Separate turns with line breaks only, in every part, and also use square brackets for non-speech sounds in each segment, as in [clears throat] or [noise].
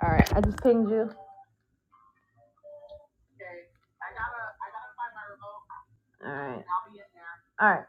All right, I just pinged you. All right. All right.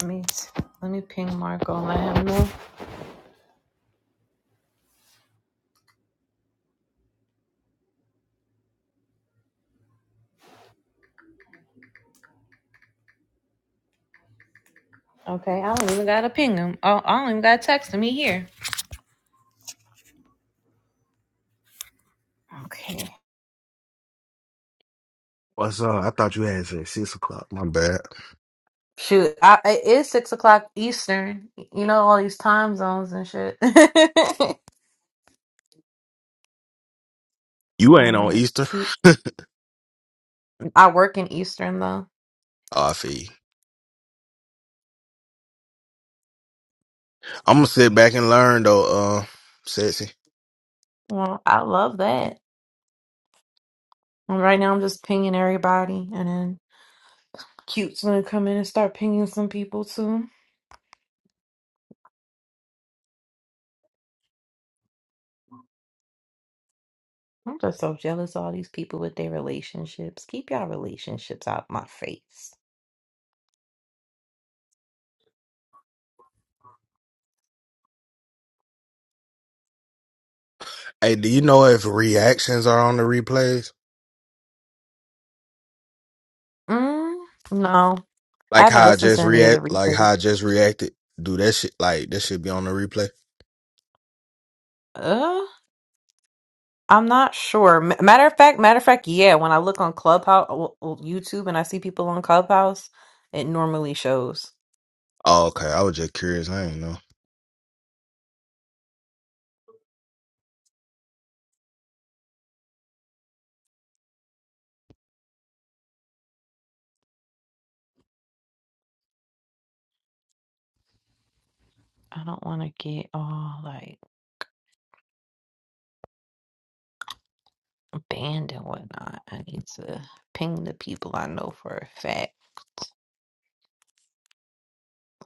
Let me let me ping Marco and let him know. Okay, I don't even gotta ping him. Oh, I don't even gotta text him. He here. Okay.
What's up? I thought you had said six o'clock. My bad.
Shoot, I, it is six o'clock Eastern. You know all these time zones and shit. [laughs] all
You ain't on
right,
Easter.
cute. I work in Eastern though.
Oh, I feel you. I'm gonna sit back and learn though, uh, sexy.
Well, I love that. And right now, I'm just pinging everybody, and then cute's gonna come in and start pinging some people too. I'm just so jealous of all these people with their relationships. Keep y'all relationships out my face.
Hey, do you know if reactions are on the replays?
Mm, no, I
Like
haven't
how I
listened to
just
any of the
react, like
replays.
how I just reacted. Do that shit, like that should be on the replay.
Uh, I'm not sure. M- Matter of fact, matter of fact, yeah. When I look on Clubhouse, well, well, YouTube, and I see people on Clubhouse, it normally shows.
Oh, okay. I was just curious. I didn't know.
I don't want to get all like banned and whatnot. I need to ping the people I know for a fact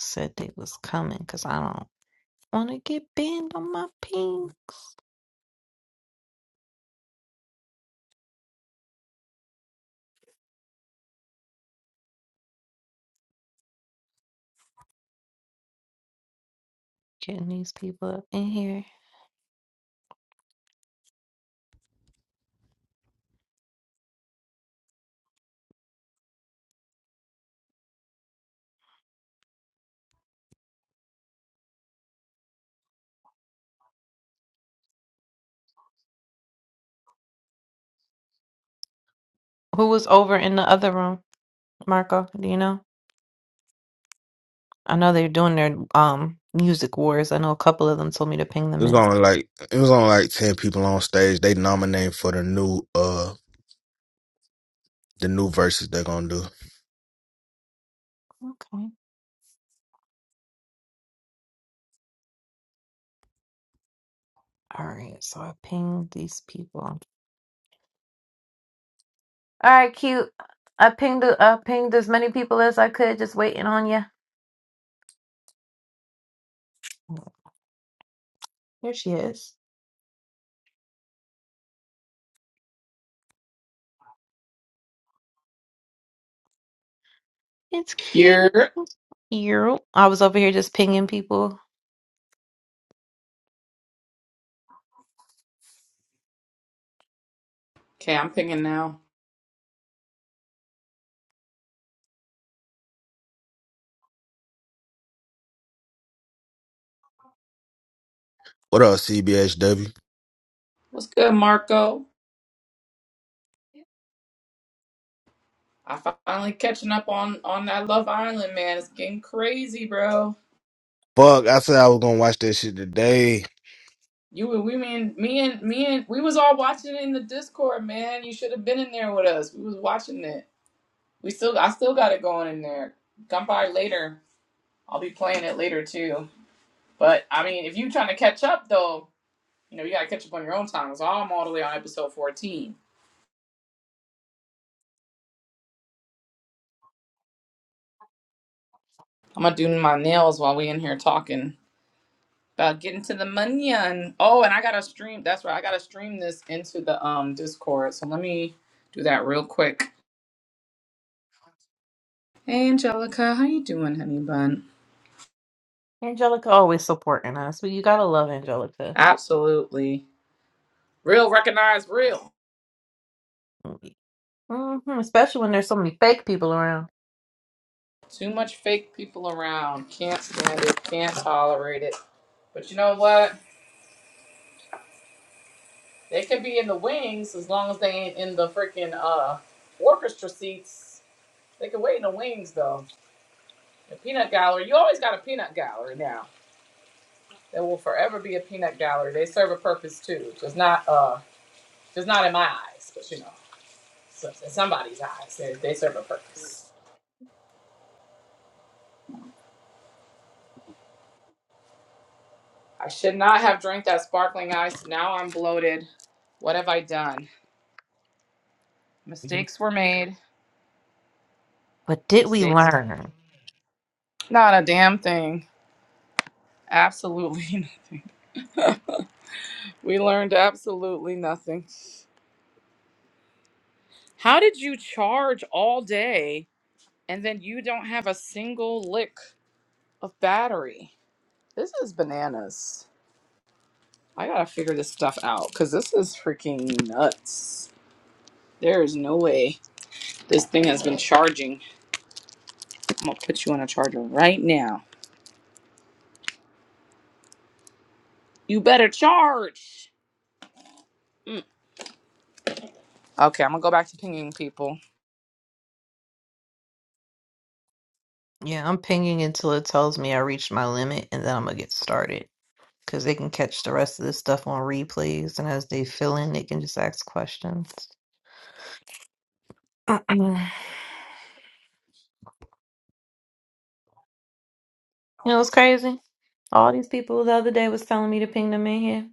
said they was coming because I don't want to get banned on my ping. Getting these people up in here. Who was over in the other room, Marco? Do you know? I know they're doing their um music wars. I know a couple of them told me to ping
It
them
was
in.
only like it was only like ten people on stage. They nominated for the new, uh, the new verses they're gonna do.
Okay. All right. So I pinged these people. All right, cute. I pinged I pinged as many people as I could, just waiting on you. Here she is. It's cute.
You're
Cute. I was over here just pinging people.
okay. I'm pinging now.
What up, CBHW?
What's good, Marco? I finally catching up on on that Love Island, man. It's getting crazy, bro.
Fuck, I said I was gonna watch that shit today.
You were we mean me and me and we was all watching it in the Discord, man. You should have been in there with us. We was watching it. We still I still got it going in there. Come by later. I'll be playing it later too. But I mean, if you trying to catch up though, you know you gotta catch up on your own time. So I'm all the way on episode 14. I'm gonna do my nails while we in here talking. About getting to the money. Oh, and I gotta stream. That's right. I gotta stream this into the um Discord. So let me do that real quick. Hey, Angelica, how you doing, honey bun?
Angelica always supporting us. But you gotta love Angelica.
Absolutely. Real recognize real.
hmm Especially when there's so many fake people around.
Too much fake people around. Can't stand it. Can't tolerate it. But you know what? They can be in the wings as long as they ain't in the freaking uh orchestra seats. They can wait in the wings though. The peanut gallery. You always got a peanut gallery now. There will forever be a peanut gallery. They serve a purpose too. Just not uh just not in my eyes, but you know, so- in somebody's eyes. They, they serve a purpose. I should not have drank that sparkling ice. Now I'm bloated. What have I done? Mistakes were made.
But did we
Mistakes.
learn?
Not a damn thing. Absolutely. [laughs] we learned absolutely nothing. How did you charge all day and then you don't have a single lick of battery? This is bananas. I gotta figure this stuff out because this is freaking nuts. There is no way this thing has been charging. I'm gonna put you on a charger right now. You better charge. Mm. Okay, I'm gonna go back to pinging people.
Yeah, I'm pinging until it tells me I reached my limit and then I'm gonna get started. Cause they can catch the rest of this stuff on replays and as they fill in they can just ask questions. [clears throat] you know it's crazy? All these people the other day was telling me to ping them in here.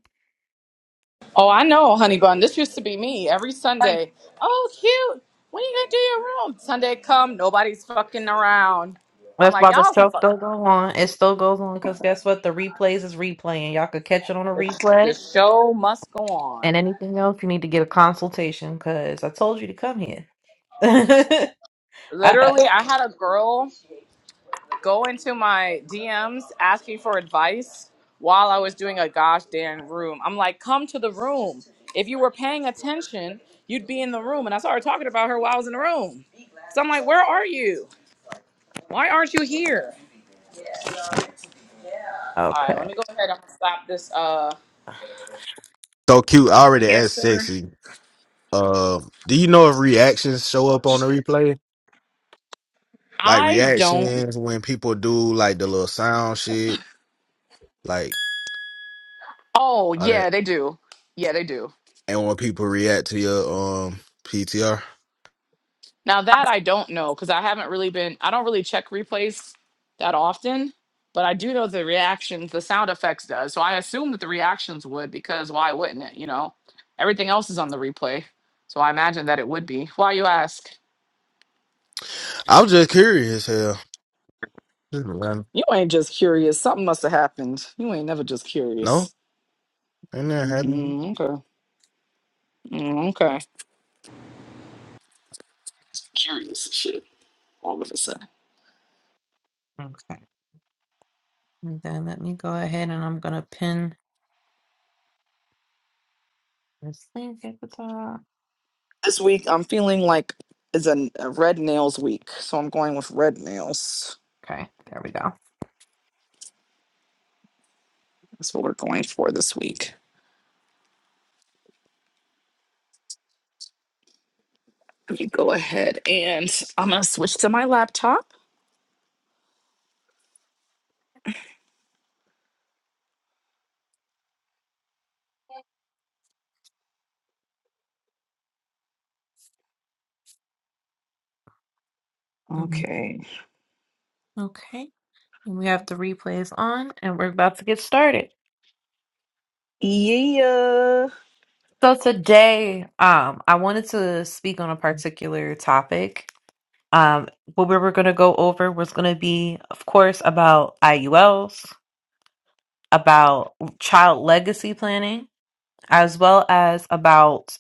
Oh, I know, honey bun. This used to be me every
Right.
Sunday. Oh, cute. When are you gonna do your room? Sunday come, nobody's fucking around. I'm
That's
like,
why the
y'all some
show
fucking.
still go on. It still goes on because guess what? The replays is replaying. Y'all could catch it on a
The
replay.
show must go on.
And anything else, you need to get a consultation because I told you to come here. [laughs] I-
Literally, I had a girl. go into my DMs asking for advice while I was doing a gosh damn room. I'm like, come to the room. If you were paying attention, you'd be in the room. And I started talking about her while I was in the room. So I'm like, where are you? Why aren't you here? All right,
okay.
let me go ahead and stop this. Uh,
So cute. I already
Yes,
asked
sir.
sexy. Um, do you know if reactions show up on the replay? Like
I don't.
reactions when people do like the little sound shit, like
Oh
all that,
yeah, they do. Yeah, they do.
and when people react to your um PTR.
Now that I don't know because I haven't really been. I don't really check replays that often, but I do know the reactions, the sound effects does. So I assume that the reactions would because why wouldn't it? You know, everything else is on the replay, so I imagine that it would be. Why you ask?
I was just curious. Hell, Just random.
You ain't just curious. Something must have happened. You ain't never just
no,
curious.
and that happened.
Mm, okay. Mm, okay. Curious as shit. All of a sudden.
Okay. And then let me go ahead and I'm gonna pin this link at the top.
This week I'm feeling like it's a, a red nails week, so I'm going with red nails.
Okay, there we go.
That's what we're going for this week. Let me go ahead and I'm going to switch to my laptop.
Mhm.
Okay.
Okay, and we have the replays on and we're about to get started.
Yeah.
So today, um, I wanted to speak on a particular topic. Um, what we were gonna go over was gonna be, of course, about IULs, about child legacy planning, as well as about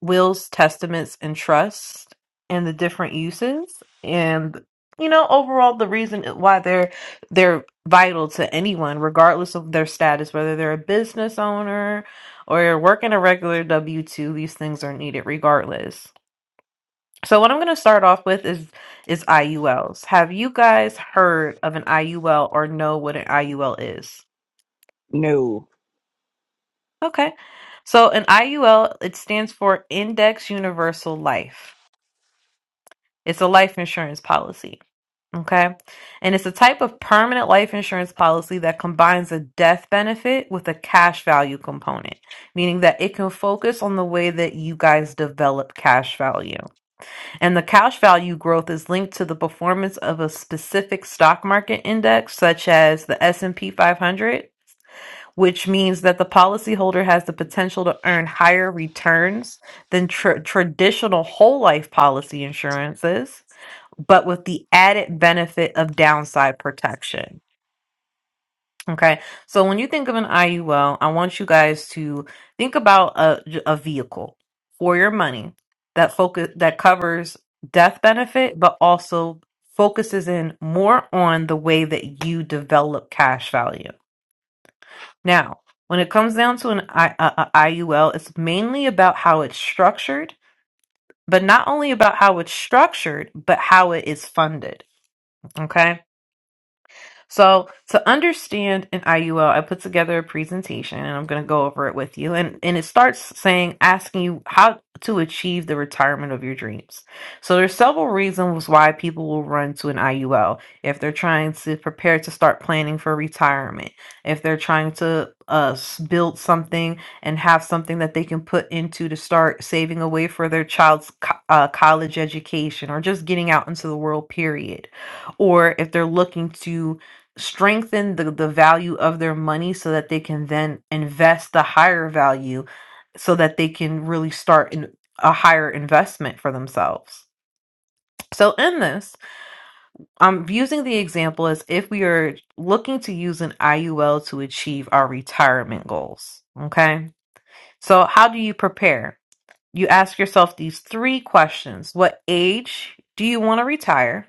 wills, testaments, and trusts and the different uses and you know overall the reason why they're they're vital to anyone regardless of their status whether they're a business owner or you're working a regular W2 these things are needed regardless. So what I'm going to start off with is is IULs. Have you guys heard of an IUL or know what an IUL is?
No.
Okay. So an IUL it stands for Index Universal Life It's a life insurance policy. Okay. And it's a type of permanent life insurance policy that combines a death benefit with a cash value component, meaning that it can focus on the way that you guys develop cash value. And the cash value growth is linked to the performance of a specific stock market index such as the S&P 500, which means that the policyholder has the potential to earn higher returns than tr- traditional whole life policy insurances but with the added benefit of downside protection. Okay. So when you think of an IUL, I want you guys to think about a, a vehicle for your money that focus that covers death benefit, but also focuses in more on the way that you develop cash value. Now, when it comes down to an I, a, a IUL, it's mainly about how it's structured, but not only about how it's structured, but how it is funded. Okay So, to understand an IUL, I put together a presentation and I'm going to go over it with you. And, and it starts saying, asking you how to achieve the retirement of your dreams. So, there's several reasons why people will run to an IUL. If they're trying to prepare to start planning for retirement, if they're trying to uh, s- build something and have something that they can put into to start saving away for their child's co- uh, college education or just getting out into the world, period or if they're looking to strengthen the, the value of their money so that they can then invest the higher value so that they can really start in a higher investment for themselves. So in this, I'm using the example as if we are looking to use an IUL to achieve our retirement goals. Okay. So how do you prepare? You ask yourself these three questions. What age do you want to retire?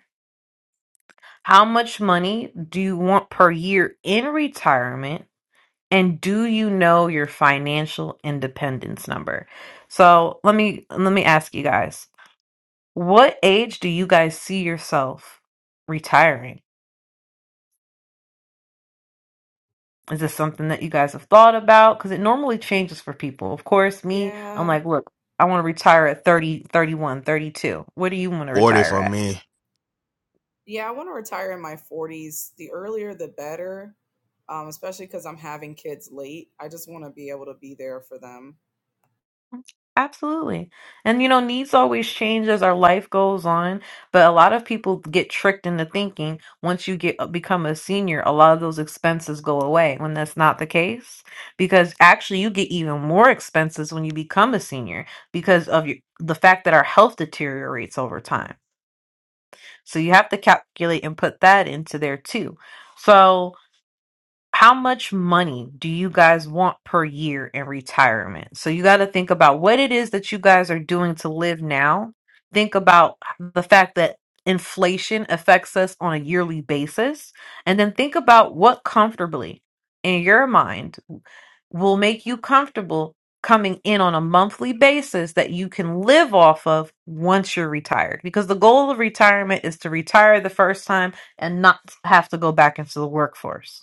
How much money do you want per year in retirement? and do you know your financial independence number so let me let me ask you guys what age do you guys see yourself retiring is this something that you guys have thought about because it normally changes for people of course me i'm
Yeah.
like look i want to retire at thirty, thirty one, thirty two. 31 thirty-two. what do you want to
Order
retire
for
at
me.
Yeah, I want to retire in my 40s. The earlier the better. Um, especially because I'm having kids late. I just want to be able to be there for them.
Absolutely. And you know, needs always change as our life goes on, but a lot of people get tricked into thinking once you get uh, become a senior, a lot of those expenses go away when that's not the case because actually you get even more expenses when you become a senior because of your, the fact that our health deteriorates over time. So you have to calculate and put that into there too. So how much money do you guys want per year in retirement? So you got to think about what it is that you guys are doing to live now. Think about the fact that inflation affects us on a yearly basis. And then think about what comfortably in your mind will make you comfortable coming in on a monthly basis that you can live off of once you're retired. Because the goal of retirement is to retire the first time and not have to go back into the workforce.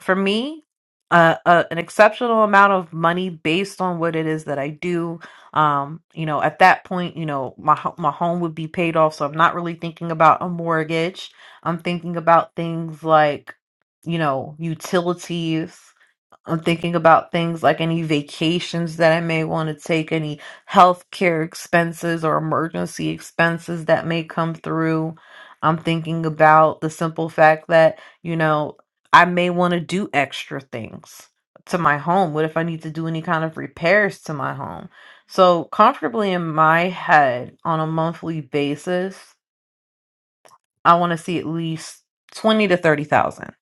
for me uh, uh, an exceptional amount of money based on what it is that I do. Um, you know, at that point, you know, my ho- my home would be paid off, so I'm not really thinking about a mortgage. I'm thinking about things like, you know, utilities. I'm thinking about things like any vacations that I may want to take, any healthcare expenses or emergency expenses that may come through. I'm thinking about the simple fact that, you know, I may want to do extra things to my home. What if I need to do any kind of repairs to my home? So, comfortably in my head on a monthly basis, I want to see at least 20 to 30,000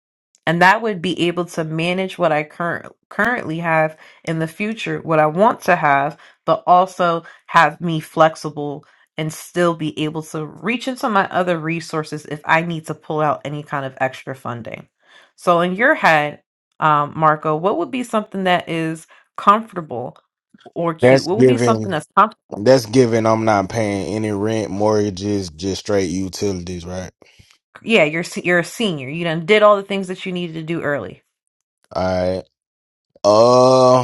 and that would be able to manage what I current currently have in the future, what I want to have, but also have me flexible and still be able to reach into my other resources if I need to pull out any kind of extra funding. So in your head, um, Marco, what would be something that is comfortable or cute?
That's
What would be something
given.
that's comfortable?
That's given. I'm not paying any rent, mortgages, just straight utilities, right?
Yeah, you're se- you're a senior. You done did all the things that you needed to do early.
All right. Uh,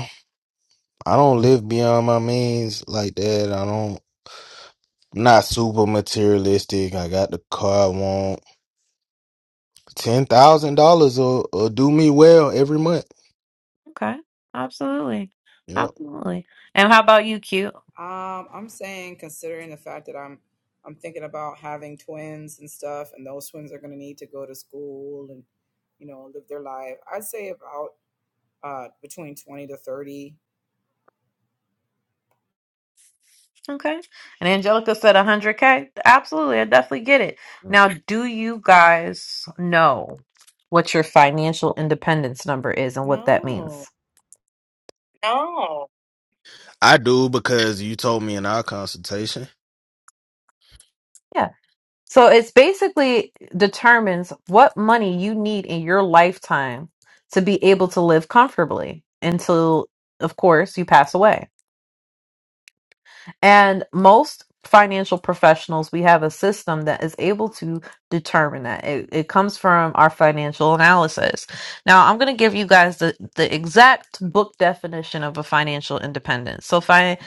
I don't live beyond my means like that. I don't. I'm not super materialistic. I got the car I want. Ten thousand dollars will will do me well every month.
Okay. Absolutely.
Yep.
Absolutely. And how about you, cute?
Um, I'm saying considering the fact that I'm I'm thinking about having twins and stuff, and those twins are gonna need to go to school and, you know, live their life. I'd say about uh between 20 to 30.
Okay. And Angelica said 100K. Absolutely. I definitely get it. Now, do you guys know what your financial independence number is and what that
No.
means? No.
I do because you told me in our consultation.
Yeah. So it's basically determines what money you need in your lifetime to be able to live comfortably until, of course, you pass away. And most financial professionals, we have a system that is able to determine that. It, it comes from our financial analysis. Now, I'm going to give you guys the, the exact book definition of a financial independence. So, fi-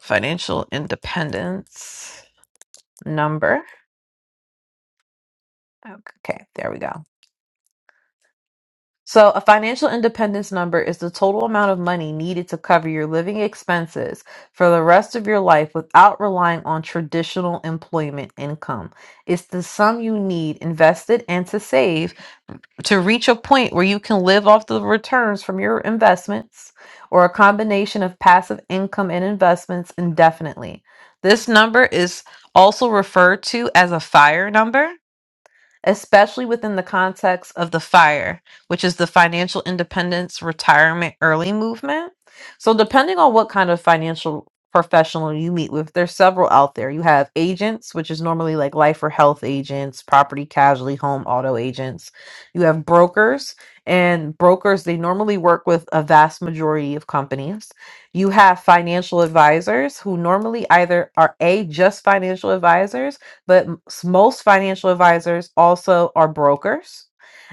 financial independence number. Okay, there we go. So, a financial independence number is the total amount of money needed to cover your living expenses for the rest of your life without relying on traditional employment income. It's the sum you need invested and to save to reach a point where you can live off the returns from your investments or a combination of passive income and investments indefinitely. This number is also referred to as a fire number especially within the context of the FIRE, which is the Financial Independence Retirement Early Movement. So, depending on what kind of financial professional you meet with, there's several out there. You have agents, which is normally like life or health agents, property, casualty, home, auto agents. You have brokers, and brokers, they normally work with a vast majority of companies. You have financial advisors who normally either are A, just financial advisors but m- s- most financial advisors also are brokers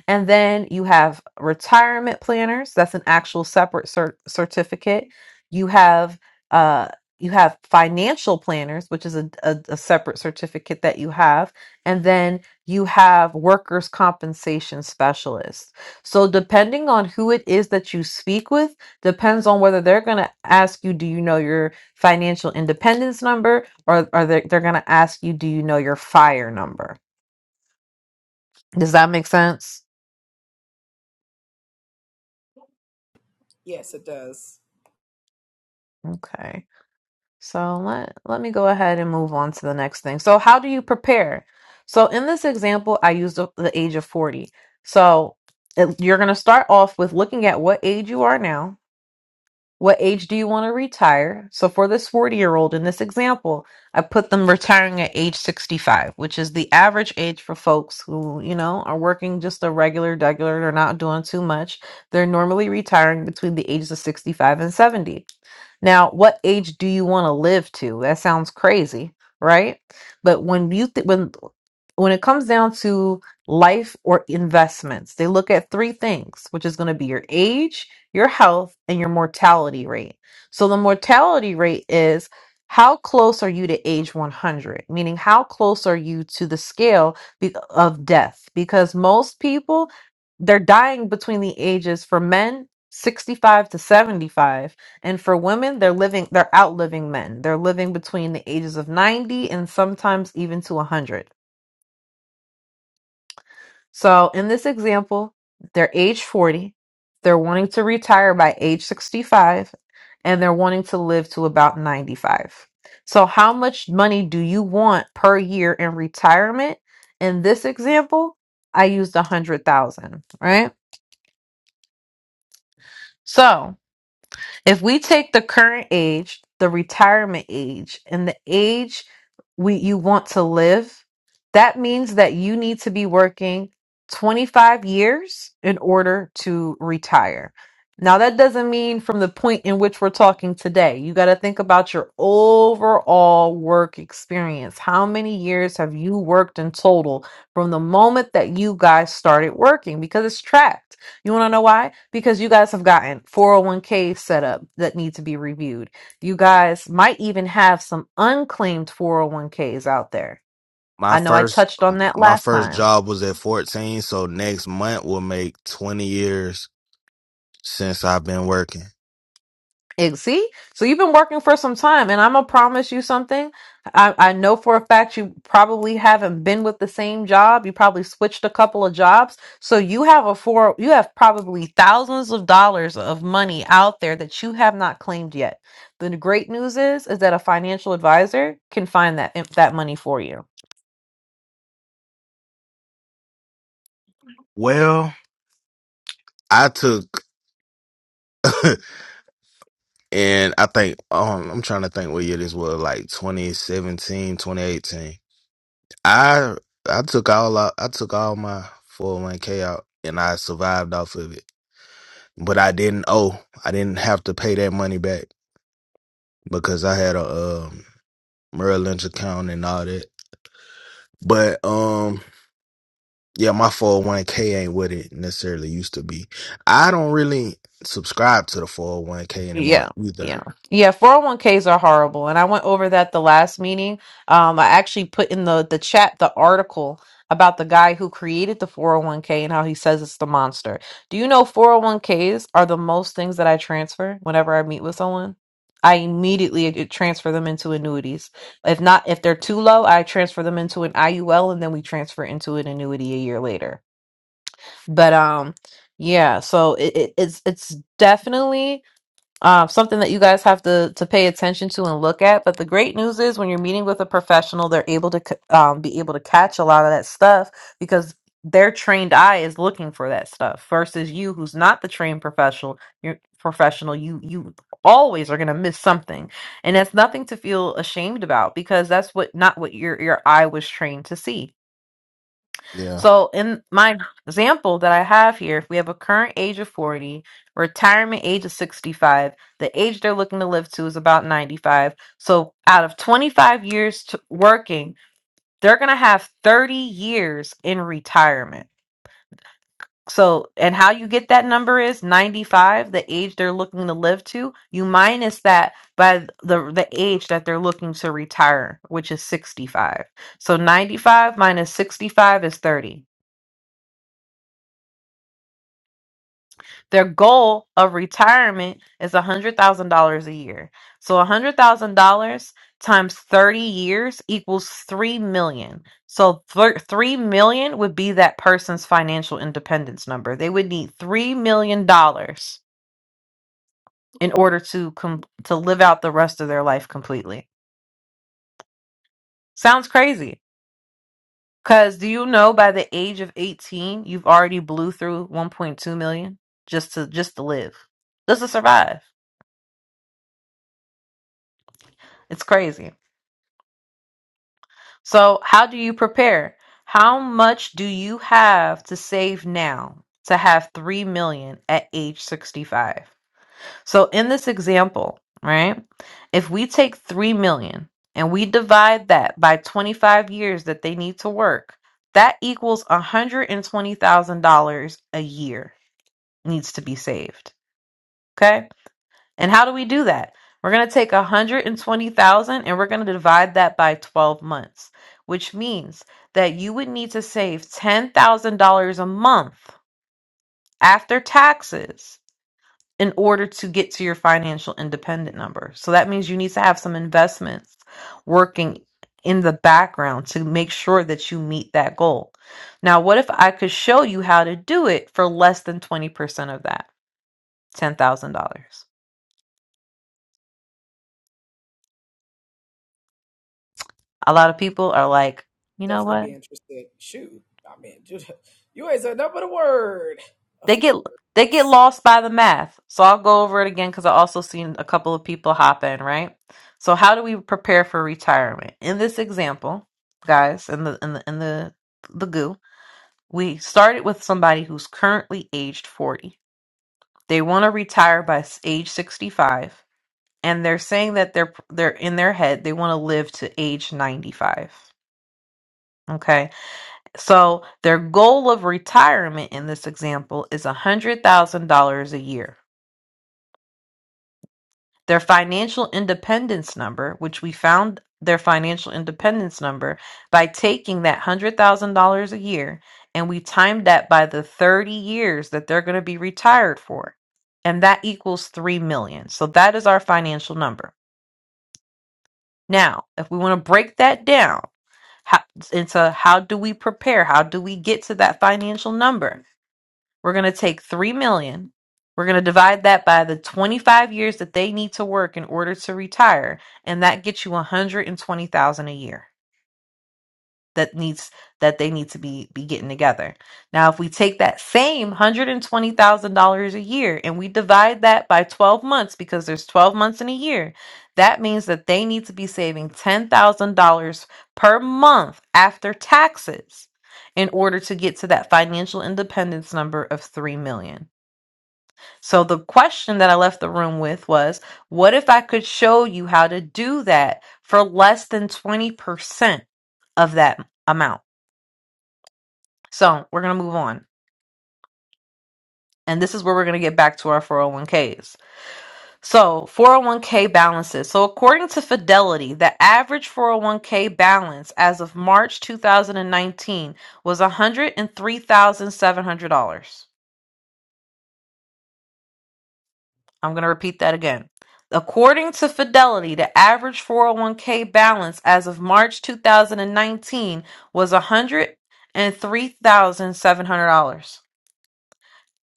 and then you have retirement planners. That's an actual separate cer- certificate. You have uh, you have financial planners, which is a, a, a separate certificate that you have. And then you have workers' compensation specialists. So depending on who it is that you speak with, depends on whether they're going to ask you, do you know your financial independence number, or are they they're going to ask you, do you know your fire number? Does that make sense?
Yes, it does.
Okay. So let let me go ahead and move on to the next thing. So how do you prepare? So in this example, I used the the age of 40. So it- you're going to start off with looking at what age you are now. What age do you want to retire? So for this 40-year-old in this example, I put them retiring at age 65, which is the average age for folks who, you know, are working just a regular regular, they're not doing too much. They're normally retiring between the ages of 65 and 70. Now, what age do you want to live to? That sounds crazy, right? But when you th- when when it comes down to life or investments, they look at three things, which is going to be your age, your health, and your mortality rate. So the mortality rate is how close are you to age 100? Meaning, how close are you to the scale be- of death? Because most people, they're dying between the ages for men 65 to 75 and for women, they're living, they're outliving men. They're living between the ages of 90 and sometimes even to 100. So in this example, they're age 40, they're wanting to retire by age 65, and they're wanting to live to about 95. So, how much money do you want per year in retirement? In this example, I used 100,000, right? So, If we take the current age, the retirement age, and the age we you want to live, that means that you need to be working 25 years in order to retire. Now that doesn't mean from the point in which we're talking today. You got to think about your overall work experience. How many years have you worked in total from the moment that you guys started working because it's tracked. You want to know why? Because you guys have gotten 401k set up that need to be reviewed. You guys might even have some unclaimed 401ks out there.
My
I know I
first
touched on that
my
last
first
time.
job was at fourteen, so next month will make twenty years since I've been working.
Ex- See, so you've been working for some time, and I'm gonna promise you something. I, I know for a fact you probably haven't been with the same job. You probably switched a couple of jobs, so you have a four. You have probably thousands of dollars of money out there that you have not claimed yet. The great news is, is that a financial advisor can find that that money for you.
Well, I took [laughs] and I think um I'm trying to think what year this was, like 2017, 2018. I I took all out, I took all my 401k out and I survived off of it. But I didn't owe. I didn't have to pay that money back because I had a um, Merrill Lynch account and all that. But um yeah, my 401k ain't what it necessarily used to be. I don't really subscribe to the 401k
Yeah.
anymore either.
Yeah. Yeah, 401ks are horrible. And I went over that the last meeting. Um, I actually put in the the chat the article about the guy who created the 401k and how he says it's the monster. Do you know 401ks are the most things that I transfer whenever I meet with someone? I immediately i- transfer them into annuities. If not, if they're too low, I transfer them into an IUL and then we transfer into an annuity a year later. But um, yeah, so it, it, it's it's definitely uh, something that you guys have to to pay attention to and look at. But the great news is when you're meeting with a professional, they're able to c- um, be able to catch a lot of that stuff because their trained eye is looking for that stuff versus you who's not the trained professional you're professional you you always are going to miss something and that's nothing to feel ashamed about because that's what not what your your eye was trained to see
Yeah.
so, in my example that I have here, if we have a current age of 40, retirement age of 65, the age they're looking to live to is about 95. So, out of 25 years to working, they're going to have 30 years in retirement. So, and how you get that number is 95, the age they're looking to live to. You minus that by the the age that they're looking to retire, which is 65. So, 95 minus 65 is 30. Their goal of retirement is $100,000 a year. So $100,000 times 30 years equals 3 million. So thir- 3 million would be that person's financial independence number. They would need 3 million dollars in order to com- to live out the rest of their life completely. Sounds crazy. Cuz do you know by the age of 18 you've already blew through 1.2 million just to just to live. Just to survive. It's crazy. So, how do you prepare? How much do you have to save now to have 3 million at age 65? So, in this example, right? If we take 3 million and we divide that by 25 years that they need to work, that equals $120,000 a year needs to be saved. Okay? And how do we do that? We're going to take 120,000 and we're going to divide that by 12 months, which means that you would need to save $10,000 a month after taxes in order to get to your financial independent number. So that means you need to have some investments working in the background to make sure that you meet that goal. Now, what if I could show you how to do it for less than 20% of that, $10,000? a lot of people are like, you know
Definitely
what?
be interested. Shoot, I mean, [laughs] you, you ain't said nothing but a word, a
They
few
get they get
words.
lost by the math. So I'll go over it again because I also seen a couple of people hop in, right? So how do we prepare for retirement? In this example, guys, in the in the in the the goo, we started with somebody who's currently aged 40. They want to retire by s- age 65, and they're saying that they're they're in their head they want to live to age 95. Okay? So their goal of retirement in this example is $100,000 a year. Their financial independence number, which we found their financial independence number by taking that $100,000 a year and we timed that by the 30 years that they're going to be retired for. And that equals 3 million. So that is our financial number. Now, if we want to break that down how, into how do we prepare? How do we get to that financial number? We're going to take 3 million. We're going to divide that by the 25 years that they need to work in order to retire, and that gets you 120,000 a year. That needs that they need to be be getting together. Now, if we take that same $120,000 a year and we divide that by 12 months because there's 12 months in a year, that means that they need to be saving $10,000 per month after taxes in order to get to that financial independence number of 3 million. So the question that I left the room with was, what if I could show you how to do that for less than 20% of that amount? So we're going to move on. And this is where we're going to get back to our 401ks. So 401k balances. So according to Fidelity, the average 401k balance as of March 2019 was $103,700. I'm going to repeat that again. According to Fidelity, the average 401k balance as of March 2019 was $103,700.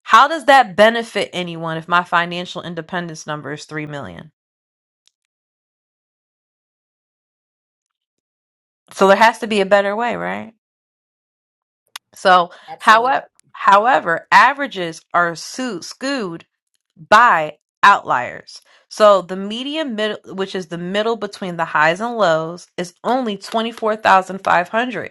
How does that benefit anyone if my financial independence number is 3 million? So there has to be a better way, right? So,
Absolutely.
however, however, averages are su- skewed by outliers. So the median middle, which is the middle between the highs and lows, is only 24,500.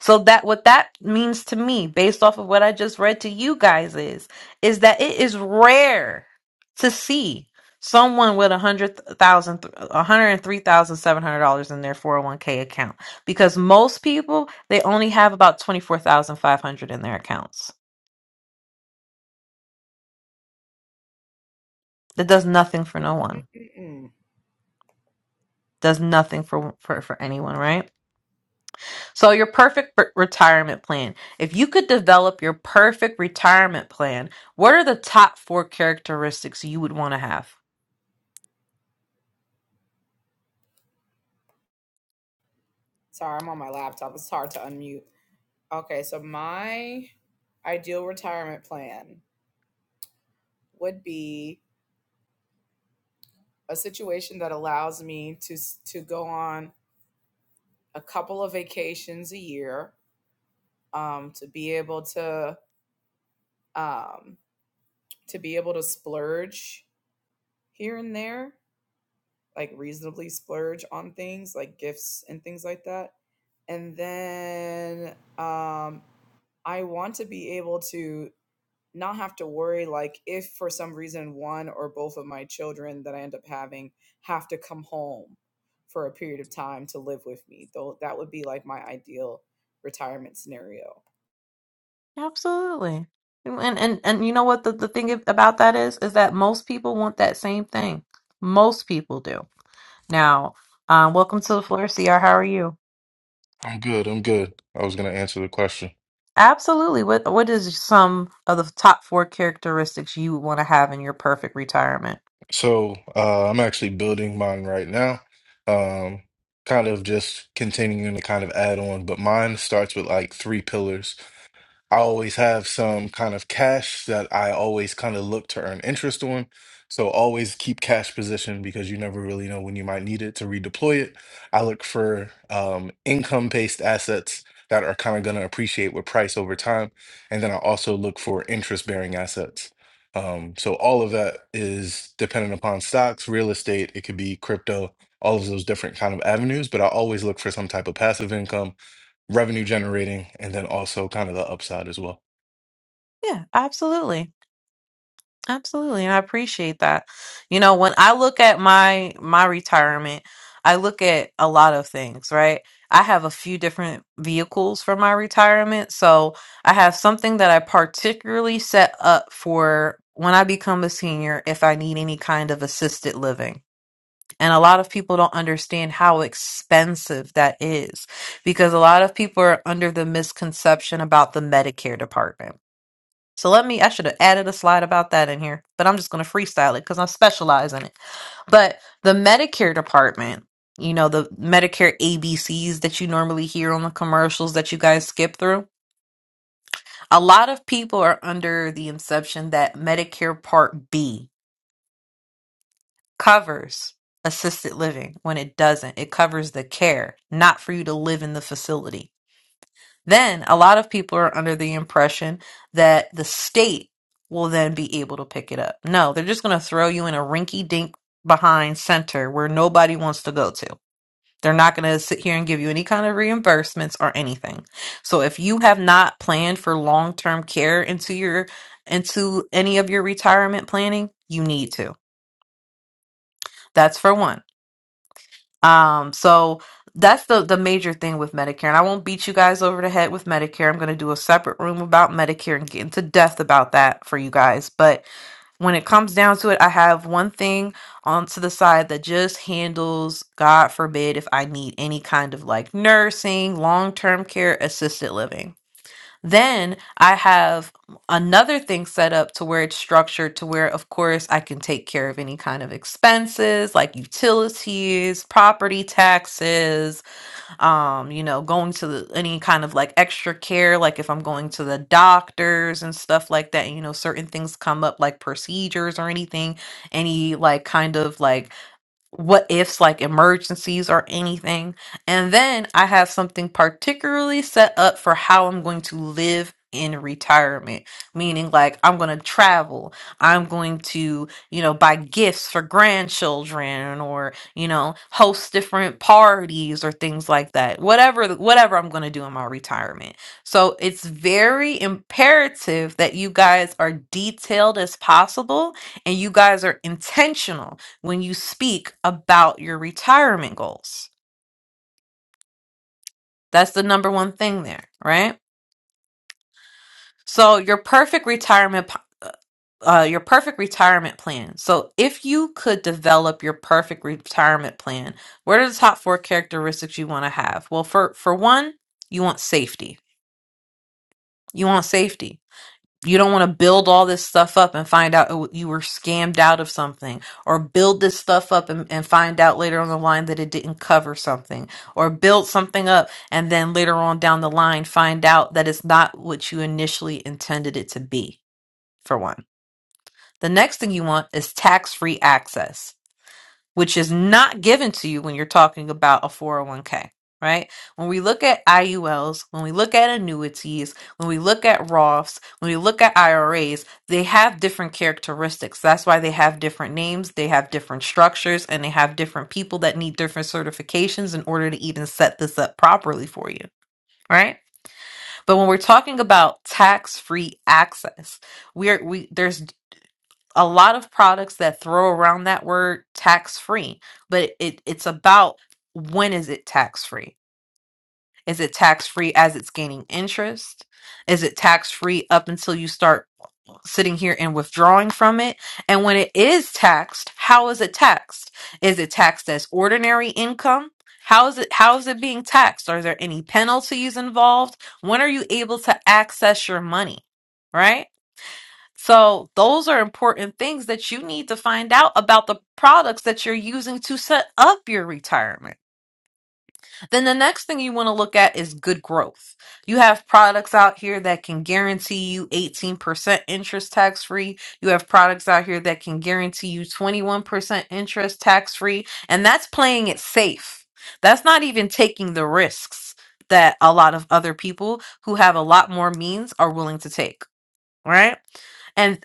So that what that means to me, based off of what I just read to you guys, is is that it is rare to see someone with a hundred thousand, a hundred and three thousand seven hundred dollars in their four hundred one k account because most people they only have about twenty four thousand five hundred in their accounts. That does nothing for no
Mm, mm,
one.
mm, mm.
Does nothing for for for anyone, right? So, your perfect re- retirement plan. If you could develop your perfect retirement plan, what are the top four characteristics you would want to have?
Sorry, I'm on my laptop. It's hard to unmute. Okay, so my ideal retirement plan would be a situation that allows me to s- to go on a couple of vacations a year, um, to be able to um, to be able to splurge here and there like reasonably splurge on things like gifts and things like that. And then um, I want to be able to not have to worry like if for some reason one or both of my children that I end up having have to come home for a period of time to live with me. Though that would be like my ideal retirement scenario.
Absolutely. And and and you know what the, the thing about that is is that most people want that same thing. Most people do. Now, um, welcome to the floor, CR. How are you?
I'm good. I'm good. I was going to answer the question.
Absolutely. What what is some of the top four characteristics you would want to have in your perfect retirement?
So, uh, I'm actually building mine right now. Um, kind of just continuing to kind of add on, but mine starts with like three pillars. I always have some kind of cash that I always kind of look to earn interest on. So always keep cash position because you never really know when you might need it to redeploy it. I look for um, income-based assets that are kind of going to appreciate with price over time. And then I also look for interest-bearing assets. Um, so all of that is dependent upon stocks, real estate, it could be crypto, all of those different kind of avenues, but I always look for some type of passive income revenue generating, and then also kind of the upside as well.
Yeah, absolutely. Absolutely, and I appreciate that. You know, when I look at my my retirement, I look at a lot of things, right? I have a few different vehicles for my retirement. So, I have something that I particularly set up for when I become a senior if I need any kind of assisted living. And a lot of people don't understand how expensive that is because a lot of people are under the misconception about the Medicare department. So let me, I should have added a slide about that in here, but I'm just going to freestyle it because I specialize in it. But the Medicare department, you know, the Medicare ABCs that you normally hear on the commercials that you guys skip through, a lot of people are under the inception that Medicare Part B covers assisted living when it doesn't. It covers the care, not for you to live in the facility. Then a lot of people are under the impression that the state will then be able to pick it up. No, they're just going to throw you in a rinky dink behind center where nobody wants to go to. They're not going to sit here and give you any kind of reimbursements or anything. So if you have not planned for long-term care into your into any of your retirement planning, you need to. That's for one. Um, so that's the the major thing with Medicare. And I won't beat you guys over the head with Medicare. I'm going to do a separate room about Medicare and get into depth about that for you guys. But when it comes down to it, I have one thing onto the side that just handles, God forbid, if I need any kind of like nursing, long term care, assisted living. Then I have another thing set up to where it's structured to where, of course, I can take care of any kind of expenses like utilities, property taxes, um, you know, going to the, any kind of like extra care, like if I'm going to the doctors and stuff like that, and, you know, certain things come up like procedures or anything, any like kind of like what ifs like emergencies or anything. And then I have something particularly set up for how I'm going to live in retirement, meaning like I'm going to travel, I'm going to, you know, buy gifts for grandchildren or, you know, host different parties or things like that. Whatever whatever I'm going to do in my retirement. So, it's very imperative that you guys are detailed as possible and you guys are intentional when you speak about your retirement goals. That's the number one thing there, right? So your perfect retirement p- uh uh, your perfect retirement plan. So if you could develop your perfect retirement plan, what are the top four characteristics you want to have? Well, for for one, you want safety. You want safety You don't want to build all this stuff up and find out it- you were scammed out of something, or build this stuff up and, and find out later on the line that it didn't cover something, or build something up and then later on down the line find out that it's not what you initially intended it to be, for one. The next thing you want is tax free access which is not given to you when you're talking about a 401k, right? When we look at IULs, when we look at annuities, when we look at Roths, when we look at IRAs, they have different characteristics. That's why they have different names, they have different structures, and they have different people that need different certifications in order to even set this up properly for you, right? But when we're talking about tax-free access, we're we there's a lot of products that throw around that word tax free, but it, it's about when is it tax free? Is it tax free as it's gaining interest? Is it tax free up until you start sitting here and withdrawing from it? And when it is taxed, how is it taxed? Is it taxed as ordinary income? How is it how is it being taxed? Are there any penalties involved? When are you able to access your money? Right? So those are important things that you need to find out about the products that you're using to set up your retirement. Then the next thing you want to look at is good growth. You have products out here that can guarantee you 18% interest tax free. You have products out here that can guarantee you 21% interest tax free. And that's playing it safe. That's not even taking the risks that a lot of other people who have a lot more means are willing to take, right? And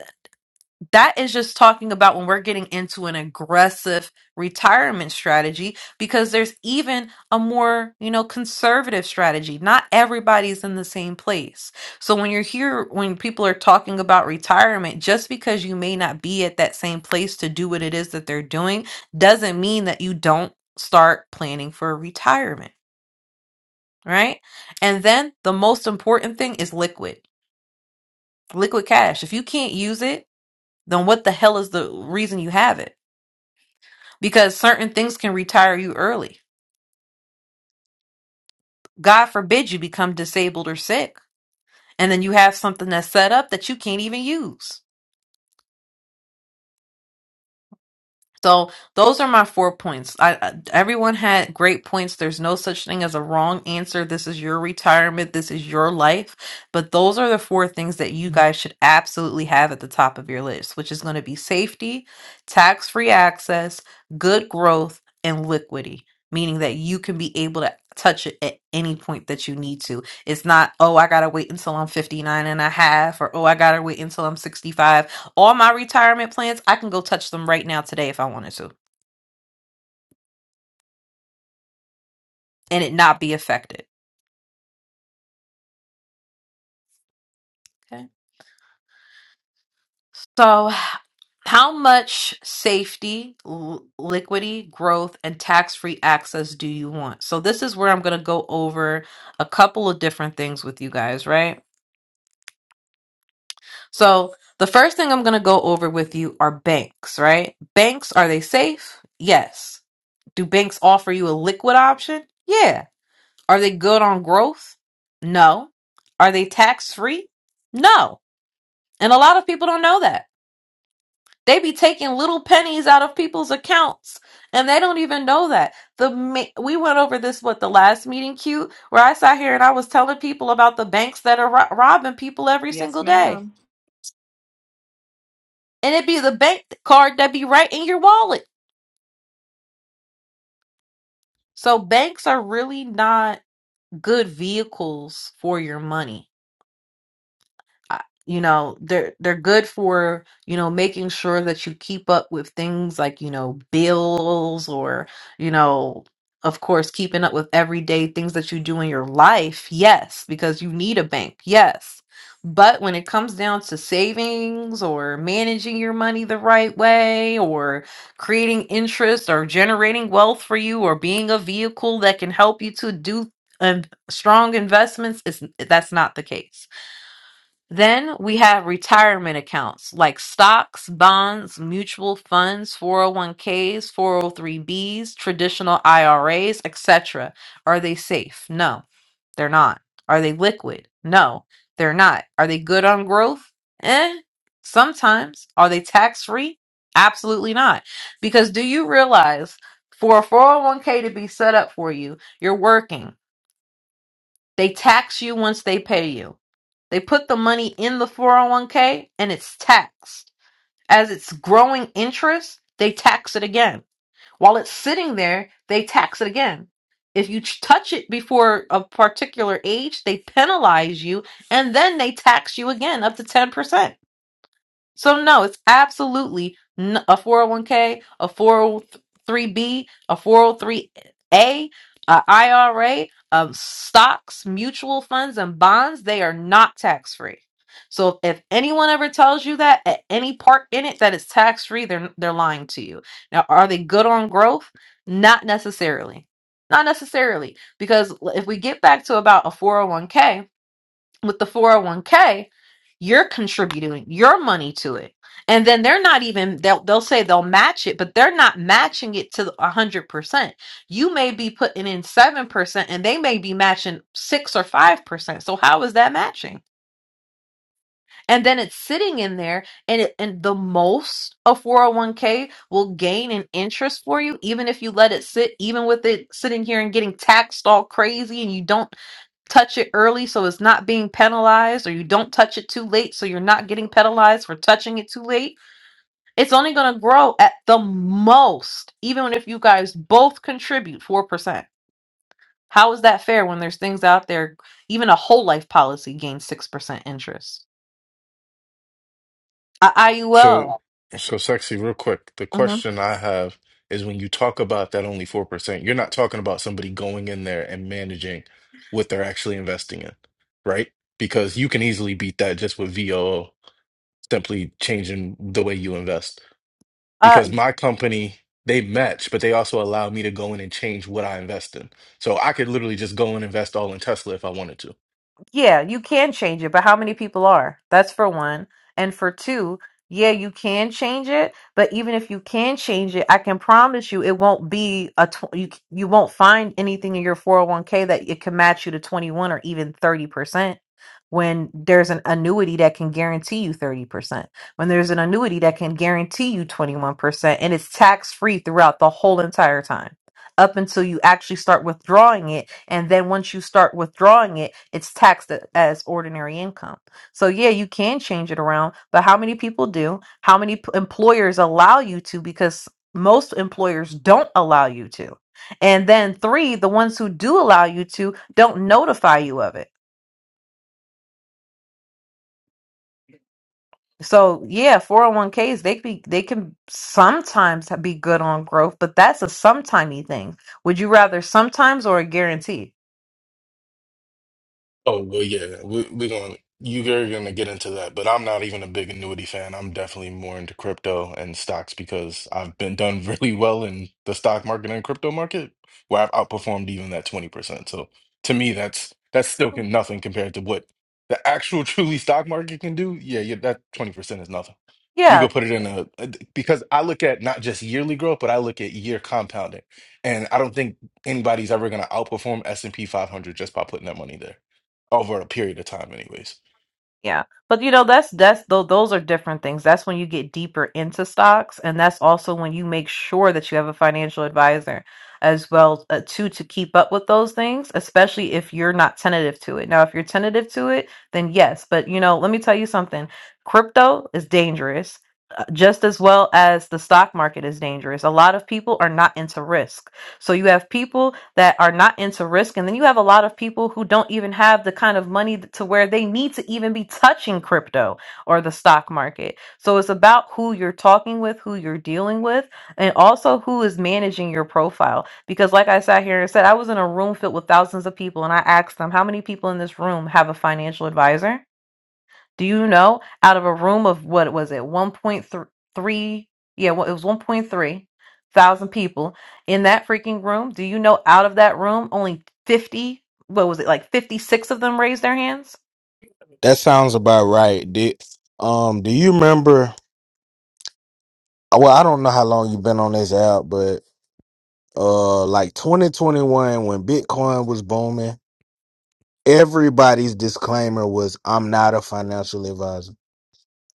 that is just talking about when we're getting into an aggressive retirement strategy because there's even a more you know conservative strategy not everybody's in the same place so when you're here when people are talking about retirement just because you may not be at that same place to do what it is that they're doing doesn't mean that you don't start planning for retirement right and then the most important thing is liquid liquid cash if you can't use it then what the hell is the reason you have it because certain things can retire you early. God forbid you become disabled or sick, and then you have something that's set up that you can't even use. So those are my four points. I, I- everyone had great points. There's no such thing as a wrong answer. This is your retirement. This is your life. But those are the four things that you guys should absolutely have at the top of your list, which is going to be safety, tax-free access, good growth, and liquidity, meaning that you can be able to touch it at any point that you need to. It's not, oh, I got to wait until I'm 59 and a half or oh, I got to wait until I'm 65 all my retirement plans, I can go touch them right now today if I wanted to and it not be affected. Okay. So, how much safety, l- liquidity, growth, and tax free access do you want? So, this is where I'm going to go over a couple of different things with you guys, right? So, the first thing I'm going to go over with you are banks, right? Banks, are they safe? Yes. Do banks offer you a liquid option? Yeah. Are they good on growth? No. Are they tax free? No. And a lot of people don't know that. They be taking little pennies out of people's accounts and they don't even know that. The ma- we went over this what the last meeting cute where I sat here and I was telling people about the banks that are ro- robbing people every
Yes,
single day.
ma'am.
And it be the bank card that be right in your wallet. So banks are really not good vehicles for your money I- you know they're they're good for you know making sure that you keep up with things like you know bills or you know of course keeping up with everyday things that you do in your life yes because you need a bank yes but when it comes down to savings or managing your money the right way or creating interest or generating wealth for you or being a vehicle that can help you to do um, strong investments is that's not the case then we have retirement accounts like stocks, bonds, mutual funds, 401ks, 403bs, traditional IRAs, etc. Are they safe? No, they're not. Are they liquid? No, they're not. Are they good on growth? Eh, sometimes. Are they tax free? Absolutely not. Because do you realize for a 401k to be set up for you, you're working. They tax you once they pay you. They put the money in the 401k and it's taxed. As it's growing interest, they tax it again. While it's sitting there, they tax it again. If you ch- touch it before a particular age, they penalize you and then they tax you again up to 10%. So no, it's absolutely n- a 401k, a 403b, a 403a, a IRA, um, stocks, mutual funds, and bonds. They are not tax free. So if anyone ever tells you that at any part in it that it's tax free, they're they're lying to you. Now, are they good on growth? Not necessarily. Not necessarily, because if we get back to about a 401k, with the 401k, you're contributing your money to it. And then they're not even, they'll, they'll say they'll match it, but they're not matching it to 100%. You may be putting in 7% and they may be matching 6 or 5%. So how is that matching? And then it's sitting in there and, it, and the most a 401k will gain in interest for you, even if you let it sit, even with it sitting here and getting taxed all crazy and you don't touch it early so it's not being penalized, or you don't touch it too late so you're not getting penalized for touching it too late, it's only going to grow at the most, even if you guys both contribute 4%. How is that fair when there's things out there, even a whole life policy gains 6% interest? I-
So,
IUL.
so sexy, real quick. The
mhm.
question I have is when you talk about that only 4%, you're not talking about somebody going in there and managing what they're actually investing in, right? Because you can easily beat that just with VOO, simply changing the way you invest. Because my company, they match, but they also allow me to go in and change what I invest in. So I could literally just go and invest all in Tesla if I wanted to.
Yeah, you can change it, but how many people are? That's for one. And for two, yeah, you can change it, but even if you can change it, I can promise you it won't be a tw- you you won't find anything in your 401k that it can match you to 21 or even 30% when there's an annuity that can guarantee you 30%. When there's an annuity that can guarantee you 21% and it's tax-free throughout the whole entire time up until you actually start withdrawing it and then once you start withdrawing it it's taxed a- as ordinary income so yeah you can change it around but how many people do how many p- employers allow you to because most employers don't allow you to and then three the ones who do allow you to don't notify you of it so yeah 401ks they be they can sometimes be good on growth but that's a sometimey thing would you rather sometimes or a guarantee?
Oh well, yeah, we we gonna you're gonna get into that, but I'm not even a big annuity fan. I'm definitely more into crypto and stocks because I've been done [laughs] really well in the stock market and crypto market, where I've outperformed even that 20%. So to me, that's that's still can, nothing compared to what the actual [laughs] truly stock market can do. Yeah, yeah, that 20% is nothing. You
Yeah,
go put it in a a- because I look at not just yearly growth, but I look at year compounding, and I don't think anybody's ever gonna outperform S&P 500 just by putting that money there over a period of time, anyways.
Yeah. But you know, that's that's though those are different things. That's when you get deeper into stocks and that's also when you make sure that you have a financial advisor as well uh, too to keep up with those things, especially if you're not tentative to it. Now, if you're tentative to it, then yes, but you know, let me tell you something. Crypto is dangerous uh, just as well as the stock market is dangerous. A lot of people are not into risk. So you have people that are not into risk, and then you have a lot of people who don't even have the kind of money th- to where they need to even be touching crypto or the stock market. So it's about who you're talking with, who you're dealing with, and also who is managing your profile. Because, like I sat here and said, I was in a room filled with thousands of people, and I asked them, How many people in this room have a financial advisor? Do you know out of a room of what was it, 1.3? Yeah, well, it was 1.3 thousand people in that freaking room. Do you know out of that room, only 50, what was it, like 56 of them raised their hands?
That sounds about right. Did um do you remember well, I don't know how long you've been on this app, but uh like 2021 when Bitcoin was booming, everybody's disclaimer was I'm not a financial advisor.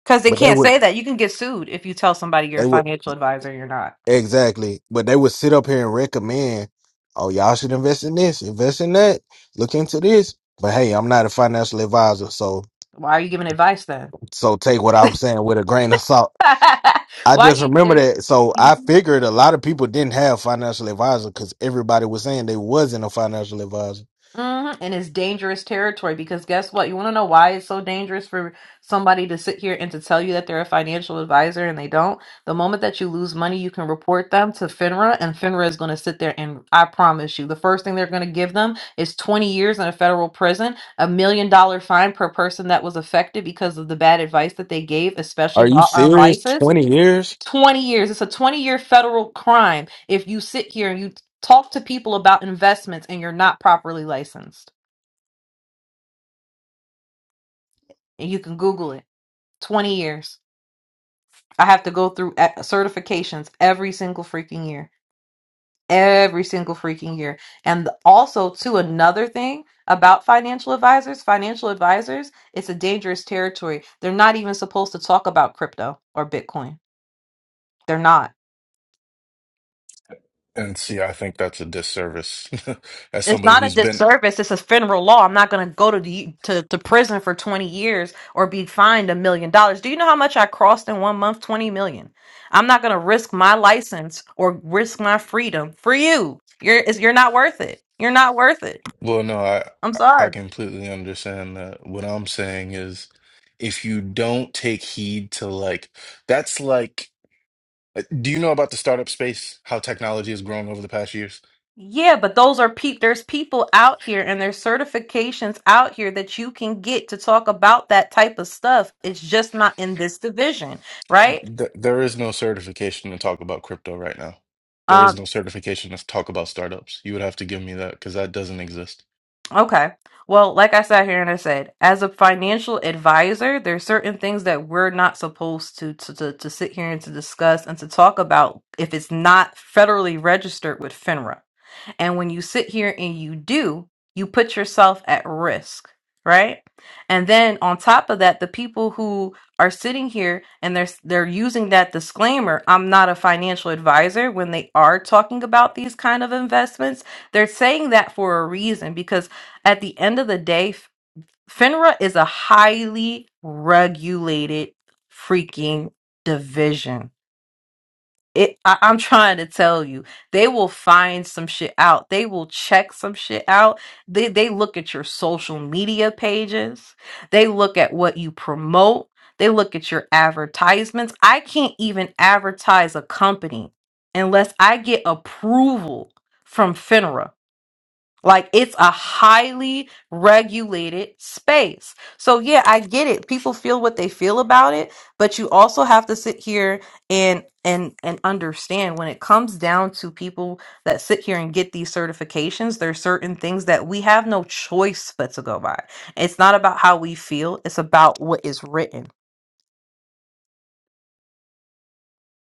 Because they
But they
can't
would
say that. You can get sued if you tell somebody you're a
they would
financial advisor, you're not.
exactly, but they would sit up here and recommend, oh y'all should invest in this, invest in that, look into this. But hey, I'm not a financial advisor, so
Why are you giving advice then?
so take what I'm saying with a grain of salt.
[laughs]
I
Why
just
you,
remember that. So I
they're.
figured a lot of people didn't have financial advisor because everybody was saying they wasn't a financial advisor.
hmm And it's dangerous territory because guess what? You want to know why it's so dangerous for somebody to sit here and to tell you that they're a financial advisor and they don't? The moment that you lose money, you can report them to FINRA, and FINRA is going to sit there and I promise you, the first thing they're going to give them is 20 years in a federal prison, a million dollar fine per person that was affected because of the bad advice that they gave,
Are
especially
you
law on
serious?
license.
20 years?
20 years. It's a 20 year federal crime if you sit here and you talk to people about investments and you're not properly licensed. And you can Google it 20 years. I have to go through e- certifications every single freaking year. Every single freaking year. And also, too, another thing about financial advisors financial advisors, it's a dangerous territory. They're not even supposed to talk about crypto or Bitcoin. They're not
And see, I think that's a disservice [laughs] as
It's
somebody
not a
who's been.
disservice. It's a federal law. I'm not going to go to the to, to prison for 20 years or be fined a million dollars. Do you know how much I crossed in one month? 20 million. I'm not going to risk my license or risk my freedom for you. You're it's, you're not worth it. You're not worth it.
Well, no, I
I'm
I
sorry.
completely understand that. What I'm saying is, if you don't take heed to like, that's like, do you know about the startup space? How technology has grown over the past years?
Yeah, but those are people. There's people out here, and there's certifications out here that you can get to talk about that type of stuff. It's just not in this division, right?
Th there is no certification to talk about crypto right now. There
Um,
is no certification to talk about startups. You would have to give me that because that doesn't exist.
Okay. Well, like I sat here and I said, as a financial advisor, there are certain things that we're not supposed to, to to to sit here and to discuss and to talk about if it's not federally registered with FINRA. And when you sit here and you do, you put yourself at risk, right? And then on top of that, the people who are sitting here and they're they're using that disclaimer, I'm not a financial advisor when they are talking about these kind of investments, they're saying that for a reason because at the end of the day, F- FINRA is a highly regulated freaking division it I, i'm trying to tell you they will find some shit out they will check some shit out they they look at your social media pages they look at what you promote they look at your advertisements i can't even advertise a company unless i get approval from finra like it's a highly regulated space. So yeah, I get it. People feel what they feel about it, but you also have to sit here and and and understand when it comes down to people that sit here and get these certifications, there's certain things that we have no choice but to go by. It's not about how we feel, it's about what is written.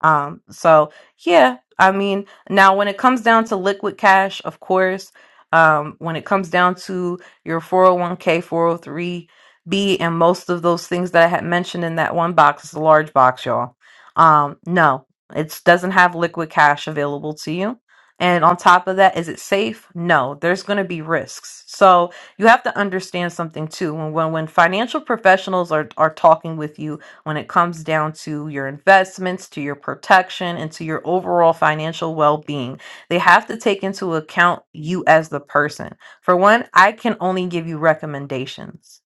Um, so yeah, I mean, now when it comes down to liquid cash, of course, um, when it comes down to your 401k, 403b, and most of those things that I had mentioned in that one box, it's a large box, y'all. Um, no, it doesn't have liquid cash available to you. And on top of that, is it safe? No, there's going to be risks. So you have to understand something too. When when, when financial professionals are are talking with you when it comes down to your investments, to your protection, and to your overall financial well being. They have to take into account you as the person. For one, I can only give you recommendations.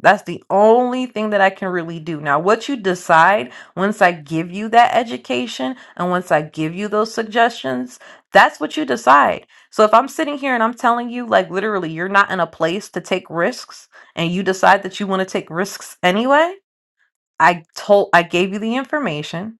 That's the only thing that I can really do. Now, what you decide once I give you that education and once I give you those suggestions, that's what you decide. So, if I'm sitting here and I'm telling you, like, literally, you're not in a place to take risks and you decide that you want to take risks anyway, I told I gave you the information.